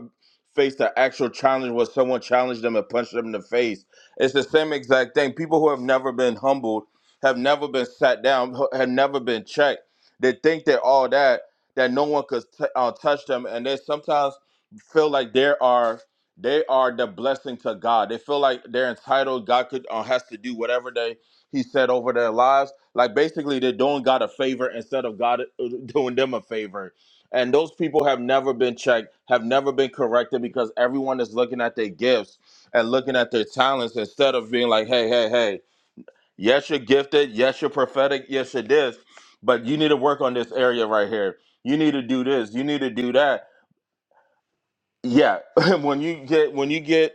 S9: faced an actual challenge where someone challenged them and punched them in the face. It's the same exact thing. People who have never been humbled, have never been sat down, hu- have never been checked. They think they're all that, that no one could t- uh, touch them, and they sometimes feel like there are they are the blessing to God. They feel like they're entitled. God could uh, has to do whatever they He said over their lives. Like basically, they're doing God a favor instead of God uh, doing them a favor. And those people have never been checked, have never been corrected because everyone is looking at their gifts and looking at their talents instead of being like, hey, hey, hey, yes, you're gifted, yes, you're prophetic, yes, you're this, but you need to work on this area right here. You need to do this, you need to do that yeah when you get when you get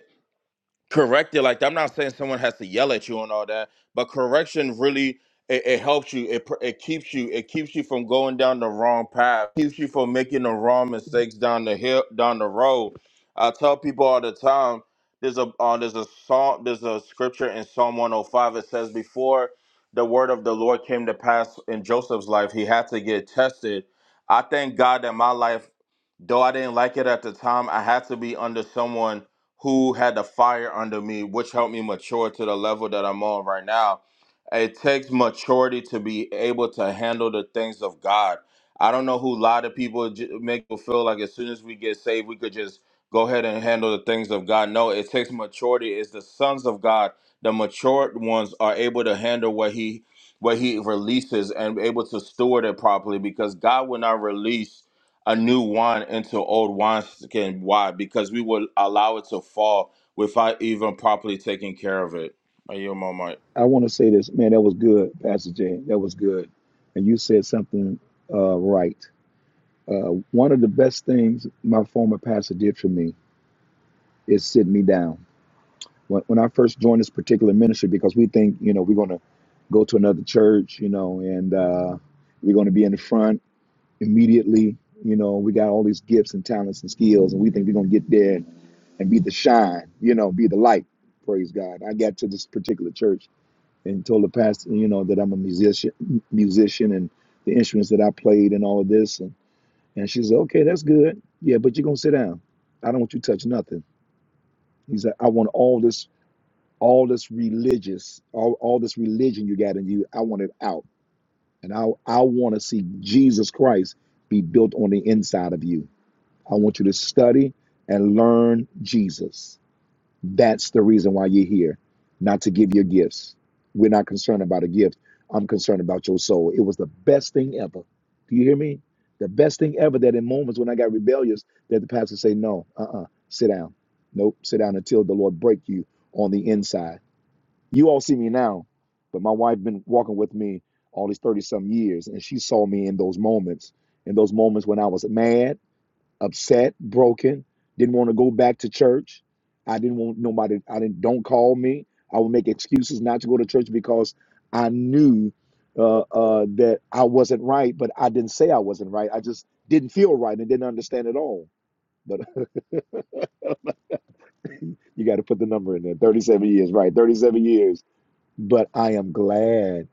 S9: correct it like i'm not saying someone has to yell at you and all that but correction really it, it helps you it, pr- it keeps you it keeps you from going down the wrong path keeps you from making the wrong mistakes down the hill down the road i tell people all the time there's a uh, there's a song there's a scripture in psalm 105 it says before the word of the lord came to pass in joseph's life he had to get tested i thank god that my life Though I didn't like it at the time, I had to be under someone who had the fire under me, which helped me mature to the level that I'm on right now. It takes maturity to be able to handle the things of God. I don't know who a lot of people j- make people feel like as soon as we get saved, we could just go ahead and handle the things of God. No, it takes maturity. It's the sons of God, the matured ones, are able to handle what He what He releases and able to steward it properly because God will not release a new wine into old wineskin. Why? Because we would allow it to fall without even properly taking care of it. Are you a moment?
S1: I want to say this, man, that was good, Pastor J. That was good. And you said something uh, right. Uh, one of the best things my former pastor did for me is sit me down. When, when I first joined this particular ministry, because we think, you know, we're going to go to another church, you know, and uh, we're going to be in the front immediately. You know, we got all these gifts and talents and skills, and we think we're going to get there and, and be the shine, you know, be the light. Praise God. I got to this particular church and told the pastor, you know, that I'm a musician, musician and the instruments that I played and all of this. and. And she said, okay, that's good. Yeah, but you're gonna sit down. I don't want you to touch nothing. He said, I want all this, all this religious, all, all this religion you got in you, I want it out. And I I want to see Jesus Christ be built on the inside of you. I want you to study and learn Jesus. That's the reason why you're here, not to give your gifts. We're not concerned about a gift. I'm concerned about your soul. It was the best thing ever. Do you hear me? The best thing ever that in moments when I got rebellious, that the pastor say, no, uh-uh, sit down. Nope, sit down until the Lord break you on the inside. You all see me now, but my wife been walking with me all these 30 some years, and she saw me in those moments, in those moments when I was mad, upset, broken, didn't want to go back to church. I didn't want nobody, I didn't, don't call me. I would make excuses not to go to church because I knew uh, uh, that I wasn't right, but I didn't say I wasn't right. I just didn't feel right and didn't understand at all. But you got to put the number in there 37 years, right? 37 years but I am glad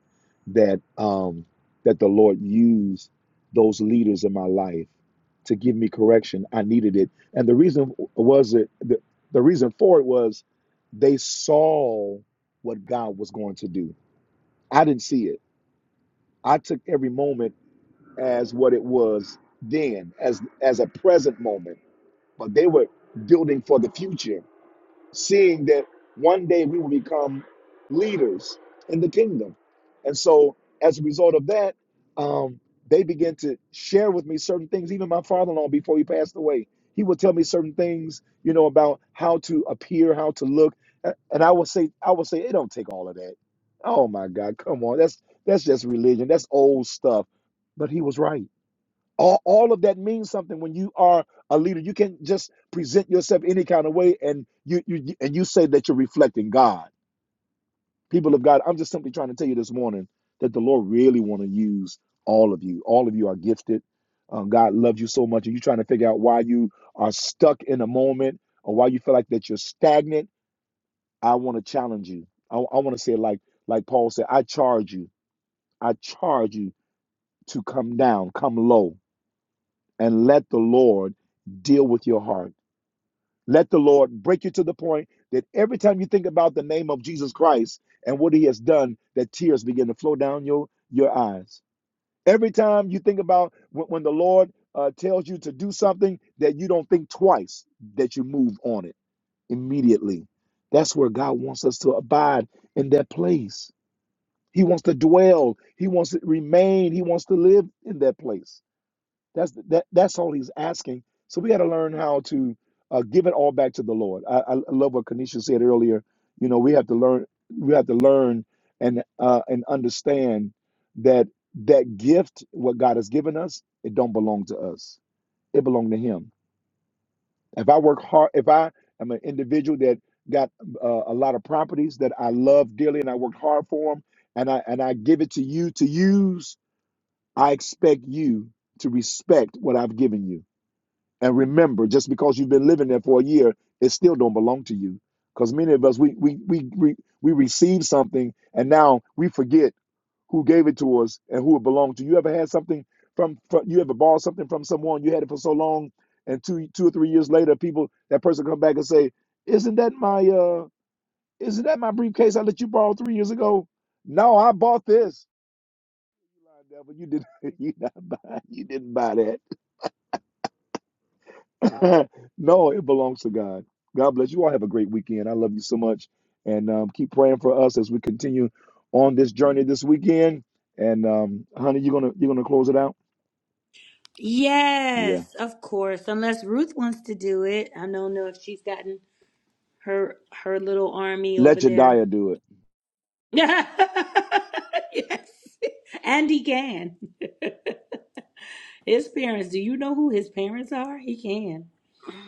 S1: that um, that the Lord used those leaders in my life to give me correction. I needed it, and the reason was it the, the reason for it was they saw what God was going to do. I didn't see it. I took every moment as what it was then, as as a present moment, but they were building for the future seeing that one day we will become leaders in the kingdom. And so, as a result of that, um, they began to share with me certain things. Even my father in law, before he passed away, he would tell me certain things, you know, about how to appear, how to look. A- And I would say, I would say, it don't take all of that. Oh my God, come on. That's that's just religion. That's old stuff. But he was right all, all of that means something when you are a leader you can't just present yourself any kind of way and you, you and you say that you're reflecting god people of god i'm just simply trying to tell you this morning that the lord really want to use all of you all of you are gifted um, god loves you so much and you're trying to figure out why you are stuck in a moment or why you feel like that you're stagnant i want to challenge you i, I want to say like like paul said i charge you i charge you to come down come low and let the Lord deal with your heart. Let the Lord break you to the point that every time you think about the name of Jesus Christ and what he has done, that tears begin to flow down your, your eyes. Every time you think about when, when the Lord uh, tells you to do something, that you don't think twice, that you move on it immediately. That's where God wants us to abide in that place. He wants to dwell, He wants to remain, He wants to live in that place. That's that. That's all he's asking. So we got to learn how to uh, give it all back to the Lord. I, I love what Kanisha said earlier. You know, we have to learn. We have to learn and uh, and understand that that gift, what God has given us, it don't belong to us. It belong to Him. If I work hard, if I am an individual that got uh, a lot of properties that I love dearly and I worked hard for them, and I and I give it to you to use, I expect you to respect what I've given you. And remember, just because you've been living there for a year, it still don't belong to you. Because many of us, we we we we, we receive something, and now we forget who gave it to us and who it belonged to. You ever had something from, from you ever borrowed something from someone you had it for so long, and two two or three years later, people that person come back and say, "Isn't that my uh isn't that my briefcase I let you borrow three years ago?" No, I bought this. Devil, You did you not buy you didn't buy that. no, it belongs to God. God bless you all. Have a great weekend. I love you so much. And um, keep praying for us as we continue on this journey this weekend. And um, honey, you gonna you gonna close it out? Yeah.
S2: Yes, of course. Unless Ruth wants to do it. I don't know if she's gotten her her little army over
S1: Let
S2: there.
S1: your do it.
S2: yes. And he can. His parents, do you know who his parents are? He can.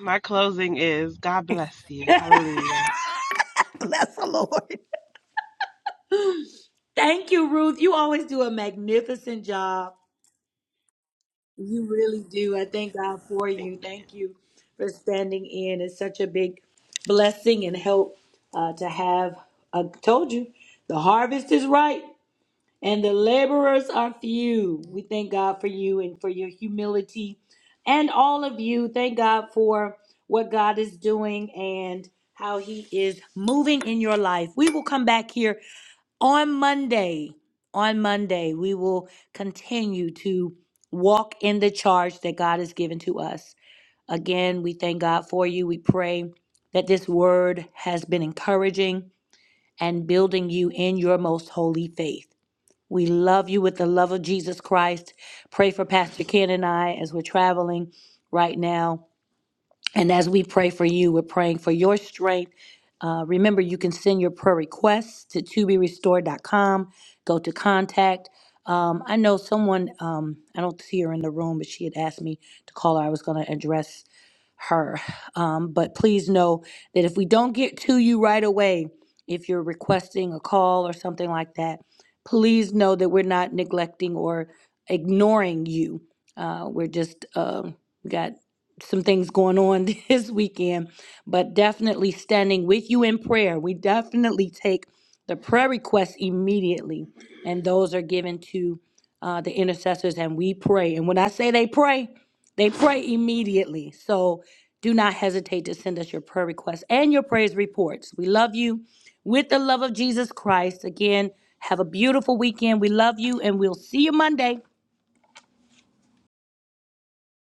S4: My closing is God bless you. Hallelujah.
S2: Bless the Lord. Thank you, Ruth. You always do a magnificent job. You really do. I thank God for you. Thank you for standing in. It's such a big blessing and help uh, to have. I told you, the harvest is ripe. and the laborers are few. We thank God for you and for your humility and all of you. Thank God for what God is doing and how He is moving in your life. We will come back here on Monday. On Monday, we will continue to walk in the charge that God has given to us. Again, we thank God for you. We pray that this word has been encouraging and building you in your most holy faith. We love you with the love of Jesus Christ. Pray for Pastor Ken and I as we're traveling right now. And as we pray for you, we're praying for your strength. Uh, remember, you can send your prayer requests to to be restored dot com. Go to contact. Um, I know someone, um, I don't see her in the room, but she had asked me to call her. I was going to address her. Um, but please know that if we don't get to you right away, if you're requesting a call or something like that, please know that we're not neglecting or ignoring you. Uh, we're just um, got some things going on this weekend, but definitely standing with you in prayer. We definitely take the prayer requests immediately, and those are given to uh, the intercessors, and we pray. And when I say they pray, they pray immediately. So do not hesitate to send us your prayer requests and your praise reports. We love you with the love of Jesus Christ. Again, have a beautiful weekend. We love you, and we'll see you Monday.